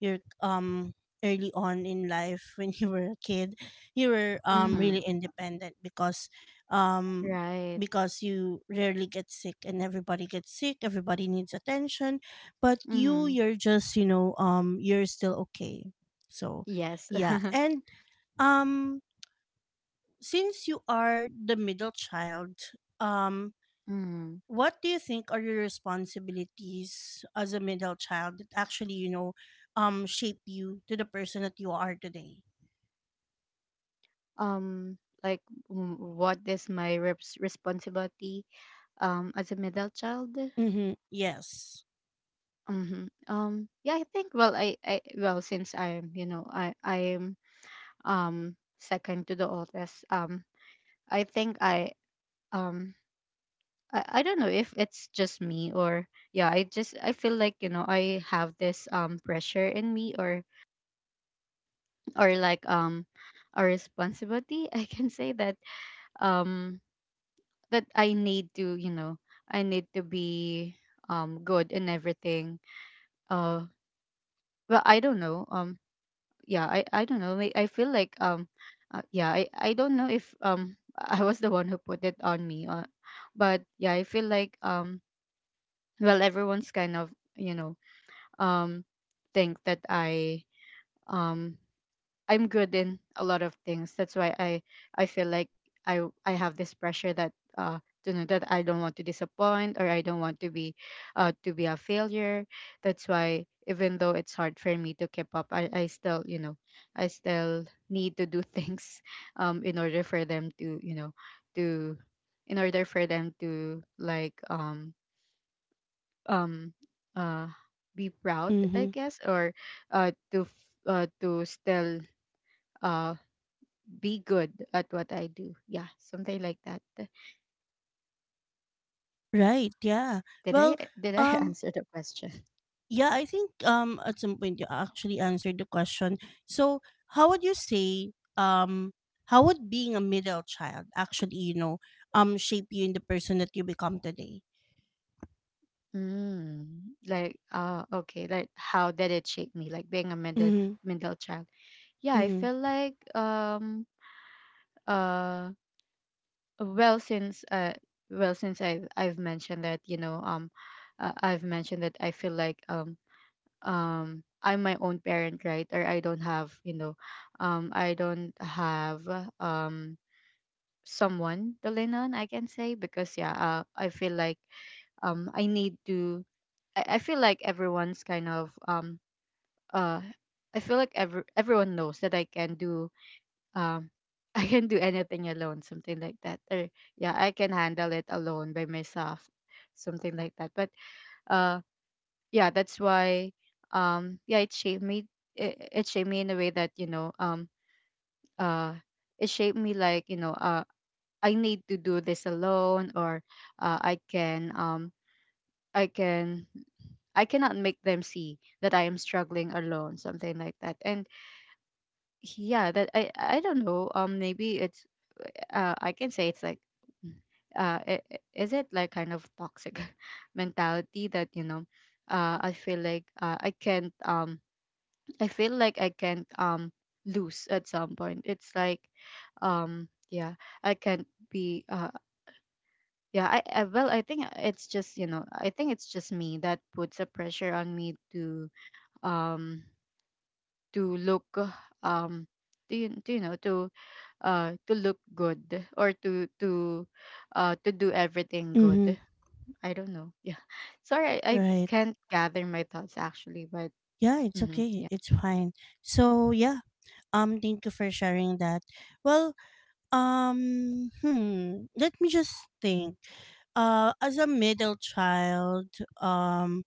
S1: you're early on in life *laughs* when you were a kid, you were
S2: Mhm.
S1: really independent um
S2: Right.
S1: because you rarely get sick, and everybody gets sick, everybody needs attention, but you,
S2: Mhm.
S1: you're just, you know, you're still okay. So
S2: Yes.
S1: yeah,
S2: *laughs*
S1: and um since you are the middle child,
S2: Mhm.
S1: what do you think are your responsibilities as a middle child that actually, you know, shape you to the person that you are today?
S2: Um like, what is my reps responsibility as a middle child?
S1: Mm-hmm. Yes.
S2: Mm-hmm. Yeah, I think, well, I well, since I'm, you know, I am um second to the oldest. I think um I don't know if it's just me, or yeah, I just I feel like, you know, I have this pressure in me, or like a responsibility *laughs* I can say that. um that I need to, be good in everything. uh well, I don't know. Yeah, I don't know, I feel like yeah, I don't know if *laughs* I was the one who put it on me, but yeah, I feel like well, everyone's kind of, you know, um think that um I'm good in a lot of things. That's why I feel like I have this pressure that you know, that I don't want to disappoint, or I don't want to be, to be a failure. That's why, even though it's hard for me to keep up, I still, you know, I still need to do things. *laughs* In order for them to, you know, to in order for them to like um uh be proud, I
S1: Mm-hmm.
S2: guess, or to still uh be good at what I do. Yeah, something like that.
S1: Right. Yeah.
S2: did i
S1: Well,
S2: did i *laughs*
S1: um
S2: answer the question?
S1: yeah, I think at some point you actually answered the question. So how would you say how would being a middle child actually, you know, shape you in the person that you become today?
S2: mm, like, okay, like, how did it shape me, like, being a middle
S1: Mm-hmm.
S2: middle child? Yeah, I
S1: Mm-hmm.
S2: feel like uh well since uh well, since I've mentioned that, you know, I've mentioned that I feel like I'm my own parent, right? Or I don't have, you know, I don't have um someone to lean on, I can say, because yeah, I feel like I need to I feel like everyone's kind of uh I feel like everyone knows that I can do um *laughs* I can do anything alone, something like that. Or yeah, I can handle it alone by myself, something like that. But uh yeah, that's why yeah, it shaped me. It shaped me in a way that, you know, uh it shaped me like, you know, I need to do this alone, or uh, i can um i can I cannot make them see that I am struggling alone, something like that. And yeah, that I don't know. Maybe it's I can say, it's like mm, is it like kind of toxic *laughs* mentality, that, you know, I feel like, I feel like I can't lose at some point. It's like yeah, I can't be yeah, I well, I think it's just, you know, I think it's just me that puts a pressure on me um to look, um to, you know, to look good, or to do everything
S1: Mm-hmm.
S2: good. I don't know. Yeah. *laughs* Sorry, I
S1: Right.
S2: can't gather my thoughts, actually, but
S1: Yeah, it's
S2: mhm,
S1: okay.
S2: yeah.
S1: It's fine. So yeah, thank you for sharing that. Well, let me just think. As a middle child, um,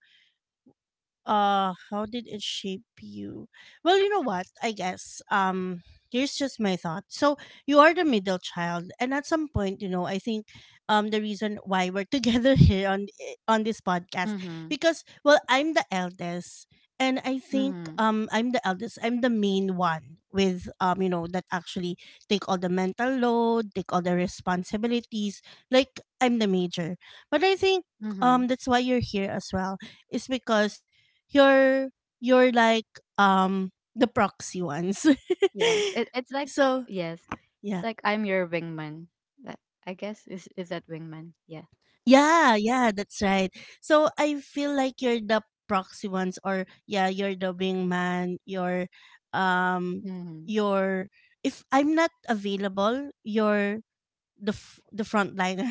S1: how did it shape you? Well, you know what, I guess here's just my thought. So you are the middle child, and at some point, you know, I think the reason why we're *laughs* together here on on this podcast,
S2: Mhm.
S1: because well, I'm the eldest, and I think
S2: Mhm.
S1: I'm the main one with, you know, that actually take all the mental load, take all the responsibilities, like I'm the major. But I think
S2: Mhm.
S1: that's why you're here as well, is because you're like um the proxy ones.
S2: Yes, it's
S1: *laughs*
S2: like.
S1: So
S2: Yes, it's
S1: yeah.
S2: like I'm your wingman. That, I guess, is that wingman? Yeah.
S1: Yeah, yeah, that's right. So I feel like you're the proxy ones, or yeah, you're the wingman, um
S2: Hmm.
S1: you're if I'm not available, you're the frontliner.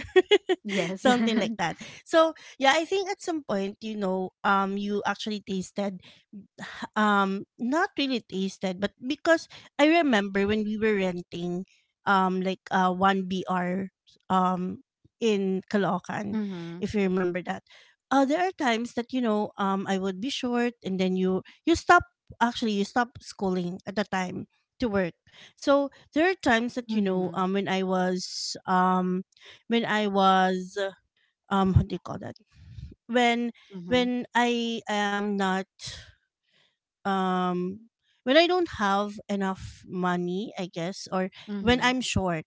S1: *laughs*
S2: Yes.
S1: Something like that.
S2: *laughs*
S1: So yeah, I think at some point, you know, you actually tasted, not really tasted but, because I remember when we were renting 1BR um in Caloocan,
S2: Mhm.
S1: if you remember that. There are times that, you know, I would be short, and then you stop, actually you stop schooling at the time to work. So there are times that, you know,
S2: Mhm.
S1: when I was when I was what do you call that, when
S2: Mhm.
S1: when I am not um when I don't have enough money, I guess, or when
S2: Mhm.
S1: I'm short,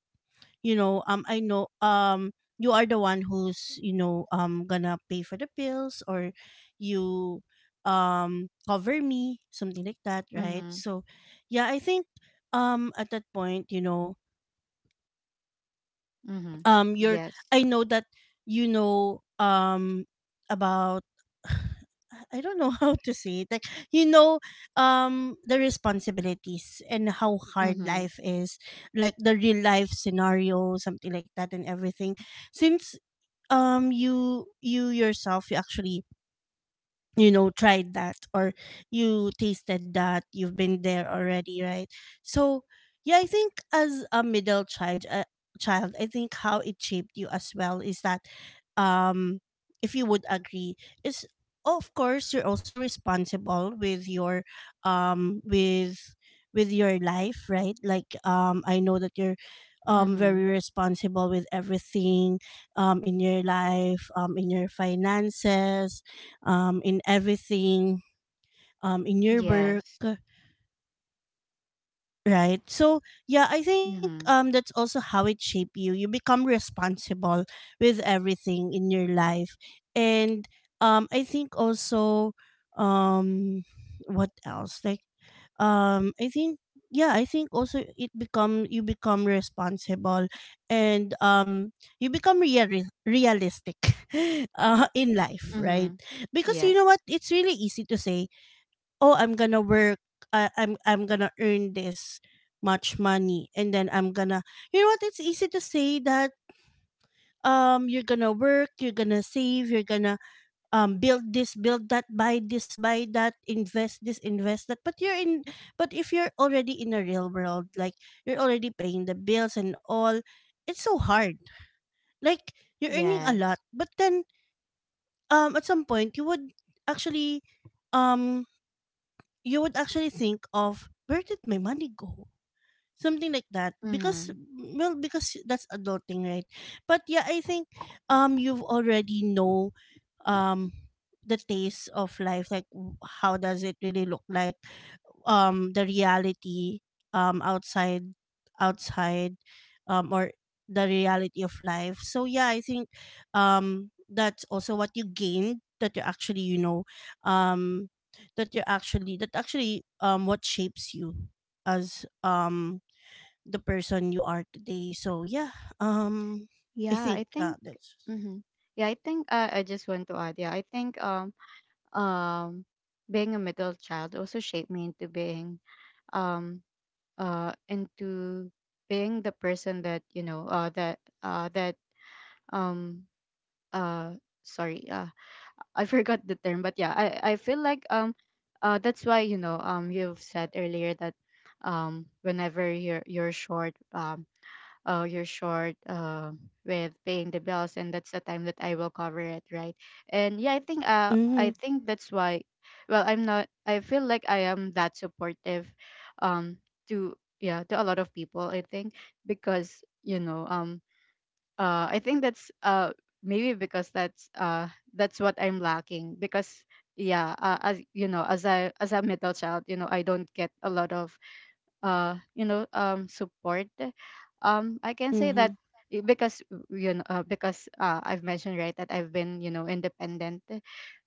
S1: you know, I know you are the one who's, you know, gonna pay for the bills, or you cover me, something like that, right?
S2: Mhm.
S1: So yeah, I think at that point,
S2: Mhm.
S1: you're
S2: Yes.
S1: I know that you know um about *sighs* I don't know *laughs* how to say it, like, you know the responsibilities and how hard
S2: Mhm.
S1: life is, like the real life scenario, something like that, and everything. Since you yourself, you actually, tried that, or you tasted that, you've been there already, right? So yeah, I think as a middle child, I think how it shaped you as well is that, um if you would agree, is of course you're also responsible with your, um with with your life, right? Like I know that you're very
S2: Mhm.
S1: responsible with everything, in your life, in your finances, in everything, in your
S2: Yes.
S1: work, right? So yeah, I think
S2: Mhm.
S1: that's also how it shape you. You become responsible with everything in your life, and I think also, um, what else? Like I think yeah, I think also it become you become responsible, and you become real realistic *laughs* in life, right?
S2: Mhm.
S1: Because you know
S2: Yes.
S1: what, it's really easy to say, oh, I'm gonna work, I'm gonna earn this much money, and then I'm gonna, you know what, it's easy to say that you're gonna work, you're gonna save, you're gonna build this, build that, buy this, buy that, invest this, invest that. But you're in but if you're already in a real world, like, you're already paying the bills and all, it's so hard. Like, you're earning a lot,
S2: Yes.
S1: but then at some point you would actually, um you would actually think of, where did my money go, something like that, because,
S2: Mhm.
S1: well, because that's adulting, right? But yeah, I think you've already know um the taste of life, like, how does it really look like, the reality, um outside outside, or the reality of life. So yeah, I think that's also what you gained, that you actually, um that you actually, that actually, what shapes you as the person you are today. So yeah, um I
S2: Yeah, I
S1: think
S2: think.
S1: that's...
S2: Mhm. Yeah, I think. I just want to add. Yeah, I think. Um. Being a middle child also shaped me into being. Um into being the person that, you know, that um uh sorry, *laughs* I forgot the term, but yeah, I feel like that's why, you know, you've said earlier that whenever you're short, oh, you're short with paying the bills, and that's the time that I will cover it, right? And yeah, i think uh i
S1: Mhm.
S2: think that's why. Well, I'm not, I feel like I am that supportive um to, yeah, to a lot of people, I think. Because, you know, I think that's maybe because that's what I'm lacking, because yeah, as you know, as a middle child, you know, I don't get a lot of you know, support, I can say that.
S1: Mhm.
S2: Because, you know, because, I've mentioned, right, that I've been, you know, independent.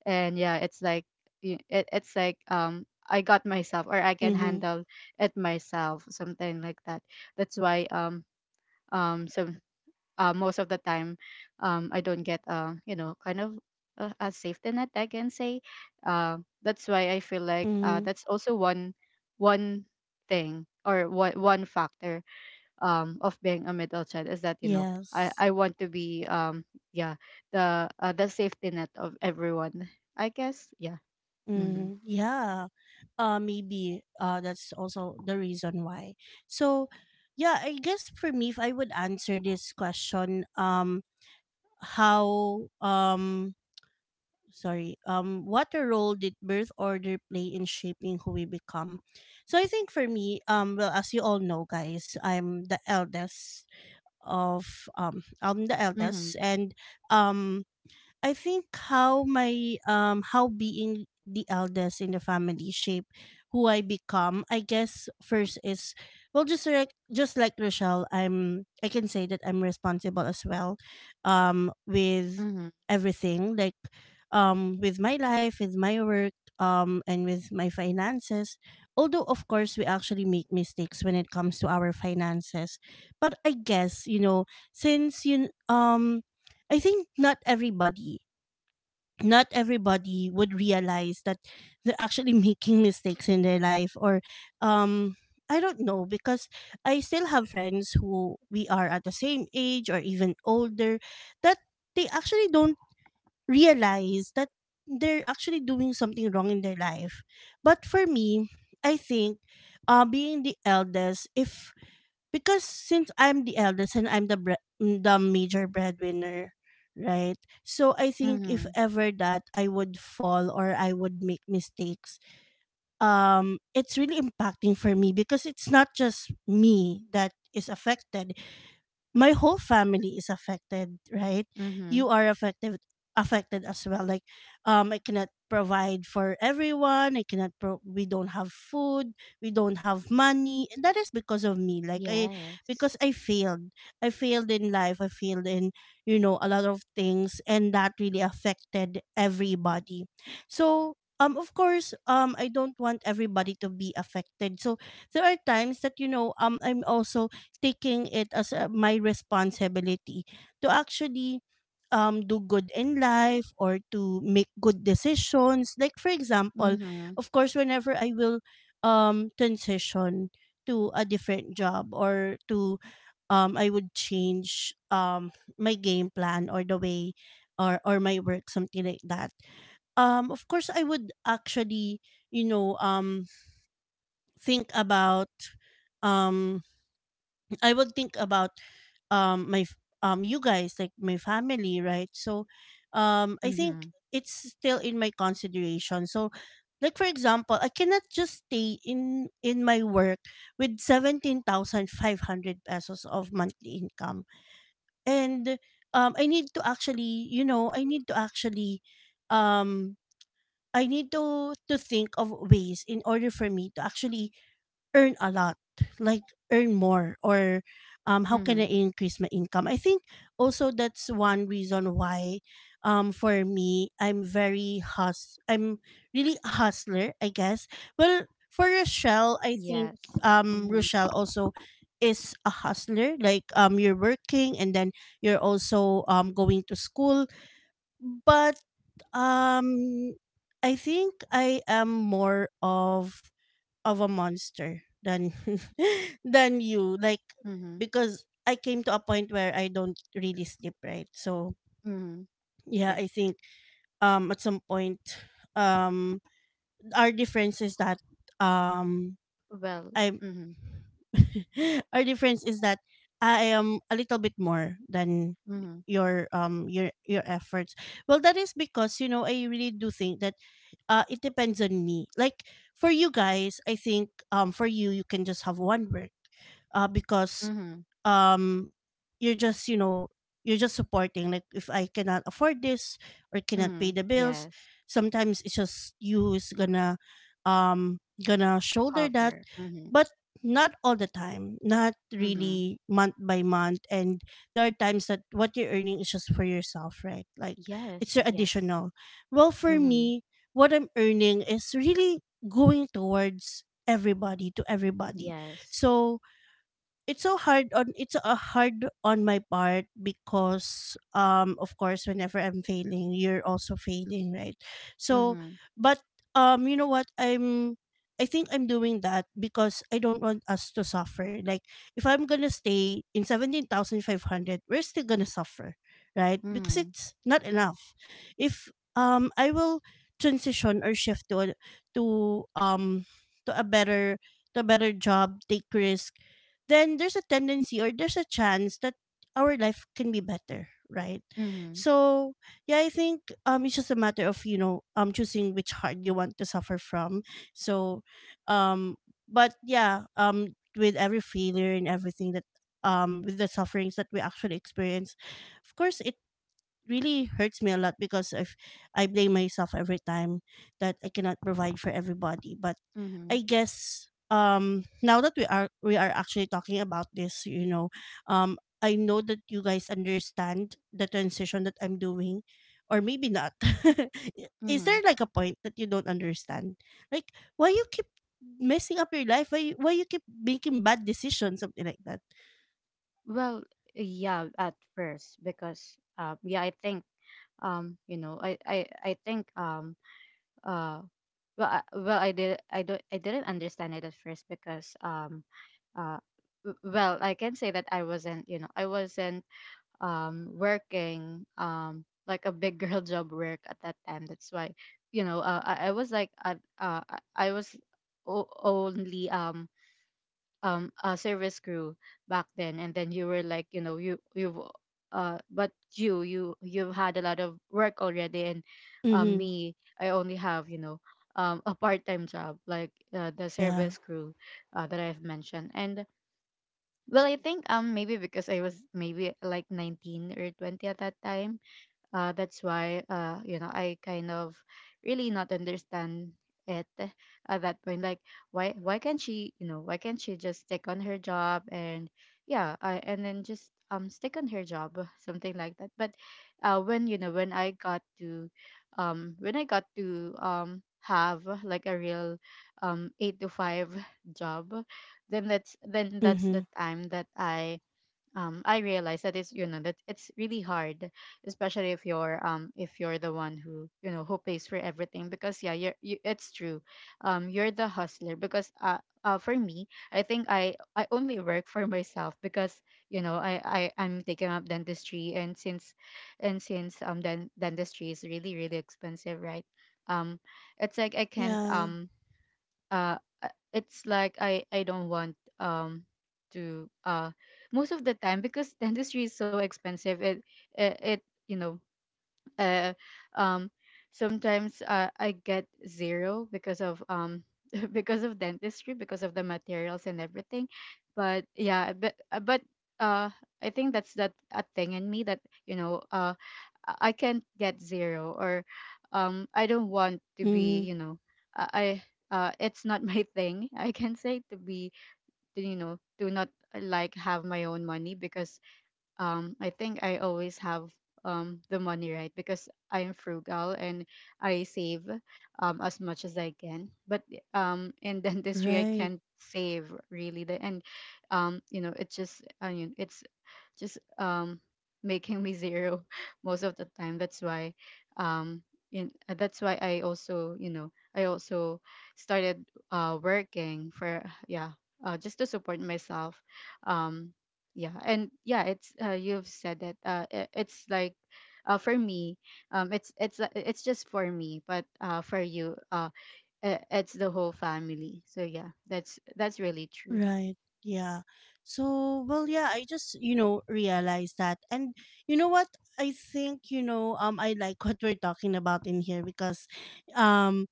S2: And yeah, it's like it's like I got myself, or I can
S1: Mhm.
S2: handle it myself, something like that. That's why some most of the time, I don't get, you know, kind of a safety net, I can say. That's why I feel like,
S1: Mhm.
S2: that's also one thing, or one factor, of being a middle child, is that, you know, I,
S1: Yes.
S2: I want to be, yeah, the, the safety net of everyone, I guess. Yeah. Mhm.
S1: Mm, yeah. Maybe that's also the reason why. So, yeah, I guess for me, if I would answer this question, how, sorry, what a role did birth order play in shaping who we become? So I think for me, well, as you all know, guys, I'm the eldest of, I'm the
S2: Mhm.
S1: eldest, and um, I think how my how being the eldest in the family shape who I become. I guess first is, well, just like Rochelle, I can say that I'm responsible as well with
S2: Mhm.
S1: everything, like, with my life, with my work, and with my finances. Although of course we actually make mistakes when it comes to our finances. But I guess, you know, since you I think not everybody would realize that they're actually *laughs* making mistakes in their life, or um I don't know, because I still have friends who we are at the same age or even older that they actually don't realize that they're actually doing something wrong in their life. But for me, I think being the eldest, if because since I'm the eldest and I'm the bre- mm, the major breadwinner, right? So I think if
S2: Mhm.
S1: ever that I would fall or I would make mistakes, it's really impacting for me because it's not just me that is affected, my whole family is affected, right?
S2: Mhm.
S1: You are affected as well. Like, I cannot provide for everyone. I cannot pro- We don't have food, we don't have money. And that is because of me. Like, I
S2: Yes.
S1: because I failed. I failed in life. I failed in, you know, a lot of things, and that really affected everybody. So of course I don't want everybody to be affected. So there are times that I'm also taking it as my responsibility to actually do good in life or to make good decisions. Like, for example,
S2: Mhm.
S1: of course, whenever I will transition to a different job, or to I would change my game plan or the way or my work, something like that. Of course, I would actually, you know, um, think about um, I would think about you guys, like my family, right? So I think
S2: Mhm.
S1: it's still in my consideration. So, like, for example, I cannot just stay in my work with 17,500 pesos of monthly income, and I need to actually, um I need to think of ways in order for me to actually earn a lot, like, earn more, or how can I
S2: Mhm.
S1: increase my income. I think also that's one reason why for me, I'm really a hustler, I guess. Well, for Rochelle, I think
S2: Yes. Mhm.
S1: Rochelle also is a hustler, like, you're working, and then you're also going to school, but um I think I am more of a monster than *laughs* than you, like,
S2: Mhm.
S1: because I came to a point where I don't really sleep, right? So
S2: Mm-hmm.
S1: yeah,
S2: Yes.
S1: I think at some point, um our difference is that, um
S2: Well,
S1: I
S2: mm-hmm.
S1: *laughs* our difference is that I am a little bit more than
S2: Mm-hmm.
S1: your your efforts. Well, that is because, you know, I really do think that it depends on me. Like, for you guys, I think for you, you can just have one work, because
S2: Mm-hmm.
S1: um you're just, you know, you're just supporting, like, if I cannot afford this or cannot
S2: Mm-hmm.
S1: pay the bills,
S2: Yes.
S1: sometimes it's just you who's gonna um shoulder that,
S2: Cover. Mm-hmm.
S1: but not all the time, not
S2: Mm-hmm.
S1: really month by month, and there are times that what you're earning is just for yourself, right? Like, it's
S2: Yes.
S1: your
S2: Yes.
S1: additional. Well, for
S2: Mm-hmm.
S1: me, what I'm earning is really going towards everybody, to everybody.
S2: Yes.
S1: So it's a hard on my part, because of course, whenever I'm failing, you're also failing, right? So
S2: Mm-hmm.
S1: but you know what, I think I'm doing that because I don't want us to suffer. Like, if I'm gonna stay in 17,500, we're still gonna suffer, right? Because
S2: Mm-hmm.
S1: it's not enough. If I will transition or shift to to um to a better to a better job, take risk, then there's a tendency or there's a chance that our life can be better, right?
S2: Mm-hmm.
S1: So yeah, I think it's just a matter of, you know, choosing which heart you want to suffer from. So um but yeah, with every failure and everything, that with the sufferings that we actually experience, of course it really hurts me a lot, because if I blame myself every time that I cannot provide for everybody. But
S2: Mm-hmm.
S1: I guess now that we are actually talking about this, you know, I know that you guys understand the transition that I'm doing, or maybe not. *laughs* Is
S2: Mm-hmm.
S1: there like a point that you don't understand? Like, why you keep messing up your life? Why you keep making bad decisions, something like that?
S2: Well, yeah, at first, because yeah, I think, you know, I think uh well, well, I did. I don't. I didn't understand it at first because, uh, well, I can say that I wasn't. You know, I wasn't working like a big girl *laughs* job work at that time. That's why, you know, I was like at, I was only a service crew back then, and then you were like, you know, you you've but you've had a lot of work already, and
S1: Mm-hmm.
S2: me, I only have, you know, a part-time job, like the
S1: Yeah.
S2: service crew, that I've mentioned. And well, I think maybe, because I was maybe like 19 or 20 at that time. That's why, you know, I kind of really not understand it at that point. Like, why can't she, you know, why can't she just stick on her job? And yeah, and then just stick on her job. *laughs* Something like that. But when, you know, when I got to have like a real 8 to 5 *laughs* job, then that's
S1: Mm-hmm.
S2: the time that I realize that it's, you know, that it's really hard, especially if you're, if you're the one who, you know, who pays for everything, because yeah, you, it's true, you're the hustler, because for me, I think I only work for myself, because, you know, I I'm taking up dentistry. And dentistry is really, really expensive, right? um it's like I can't
S1: Yeah.
S2: uh uh, it's like I don't want to, most of the time, because *laughs* dentistry is so expensive. It, you know, uh, um, sometimes, I get zero because of *laughs* because of dentistry, because of the materials and everything. But yeah, but uh I think that's that a thing in me, that, you know, I can't get zero, or I don't want to
S1: Mm-hmm.
S2: be, you know, I it's not *laughs* my thing, I can say, to be to, you know, to not, like, have my own money, because I think I always have the money, right? Because I am frugal, and I save as much as I can. But in dentistry *laughs* I
S1: Right.
S2: can't save, really, the. And you know, it just I mean, it's just making me zero *laughs* most of the time. That's why um that's why I also, started working for *sighs* yeah, just to support myself. um yeah. And yeah, it's, you've said that, it's like, for me, it's just for me, but for you, it's the whole family. So yeah, that's really true.
S1: Right. Yeah. So, well, yeah, I just, you know, realized that. And you know what? I think, you know, I like what we're talking about in here, because um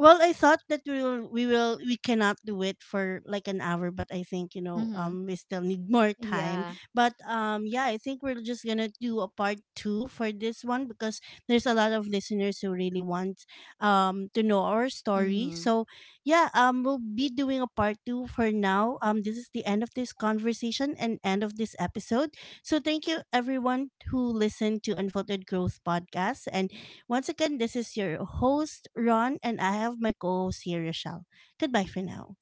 S1: well, I thought that we cannot do it for like an hour, but I think, you know,
S2: Mm-hmm.
S1: we still need more time.
S2: Yeah.
S1: But yeah, I think we're just gonna do a part two for this one because there's a lot of listeners who really want to know our story.
S2: Mm-hmm.
S1: So yeah, we'll be doing a part two for now. This is the end of this conversation and end of this episode. So thank you everyone who listened to Unfiltered Growth podcast, and once again, this is your host, Ron, and I have my co host here, Rochelle. Goodbye for now.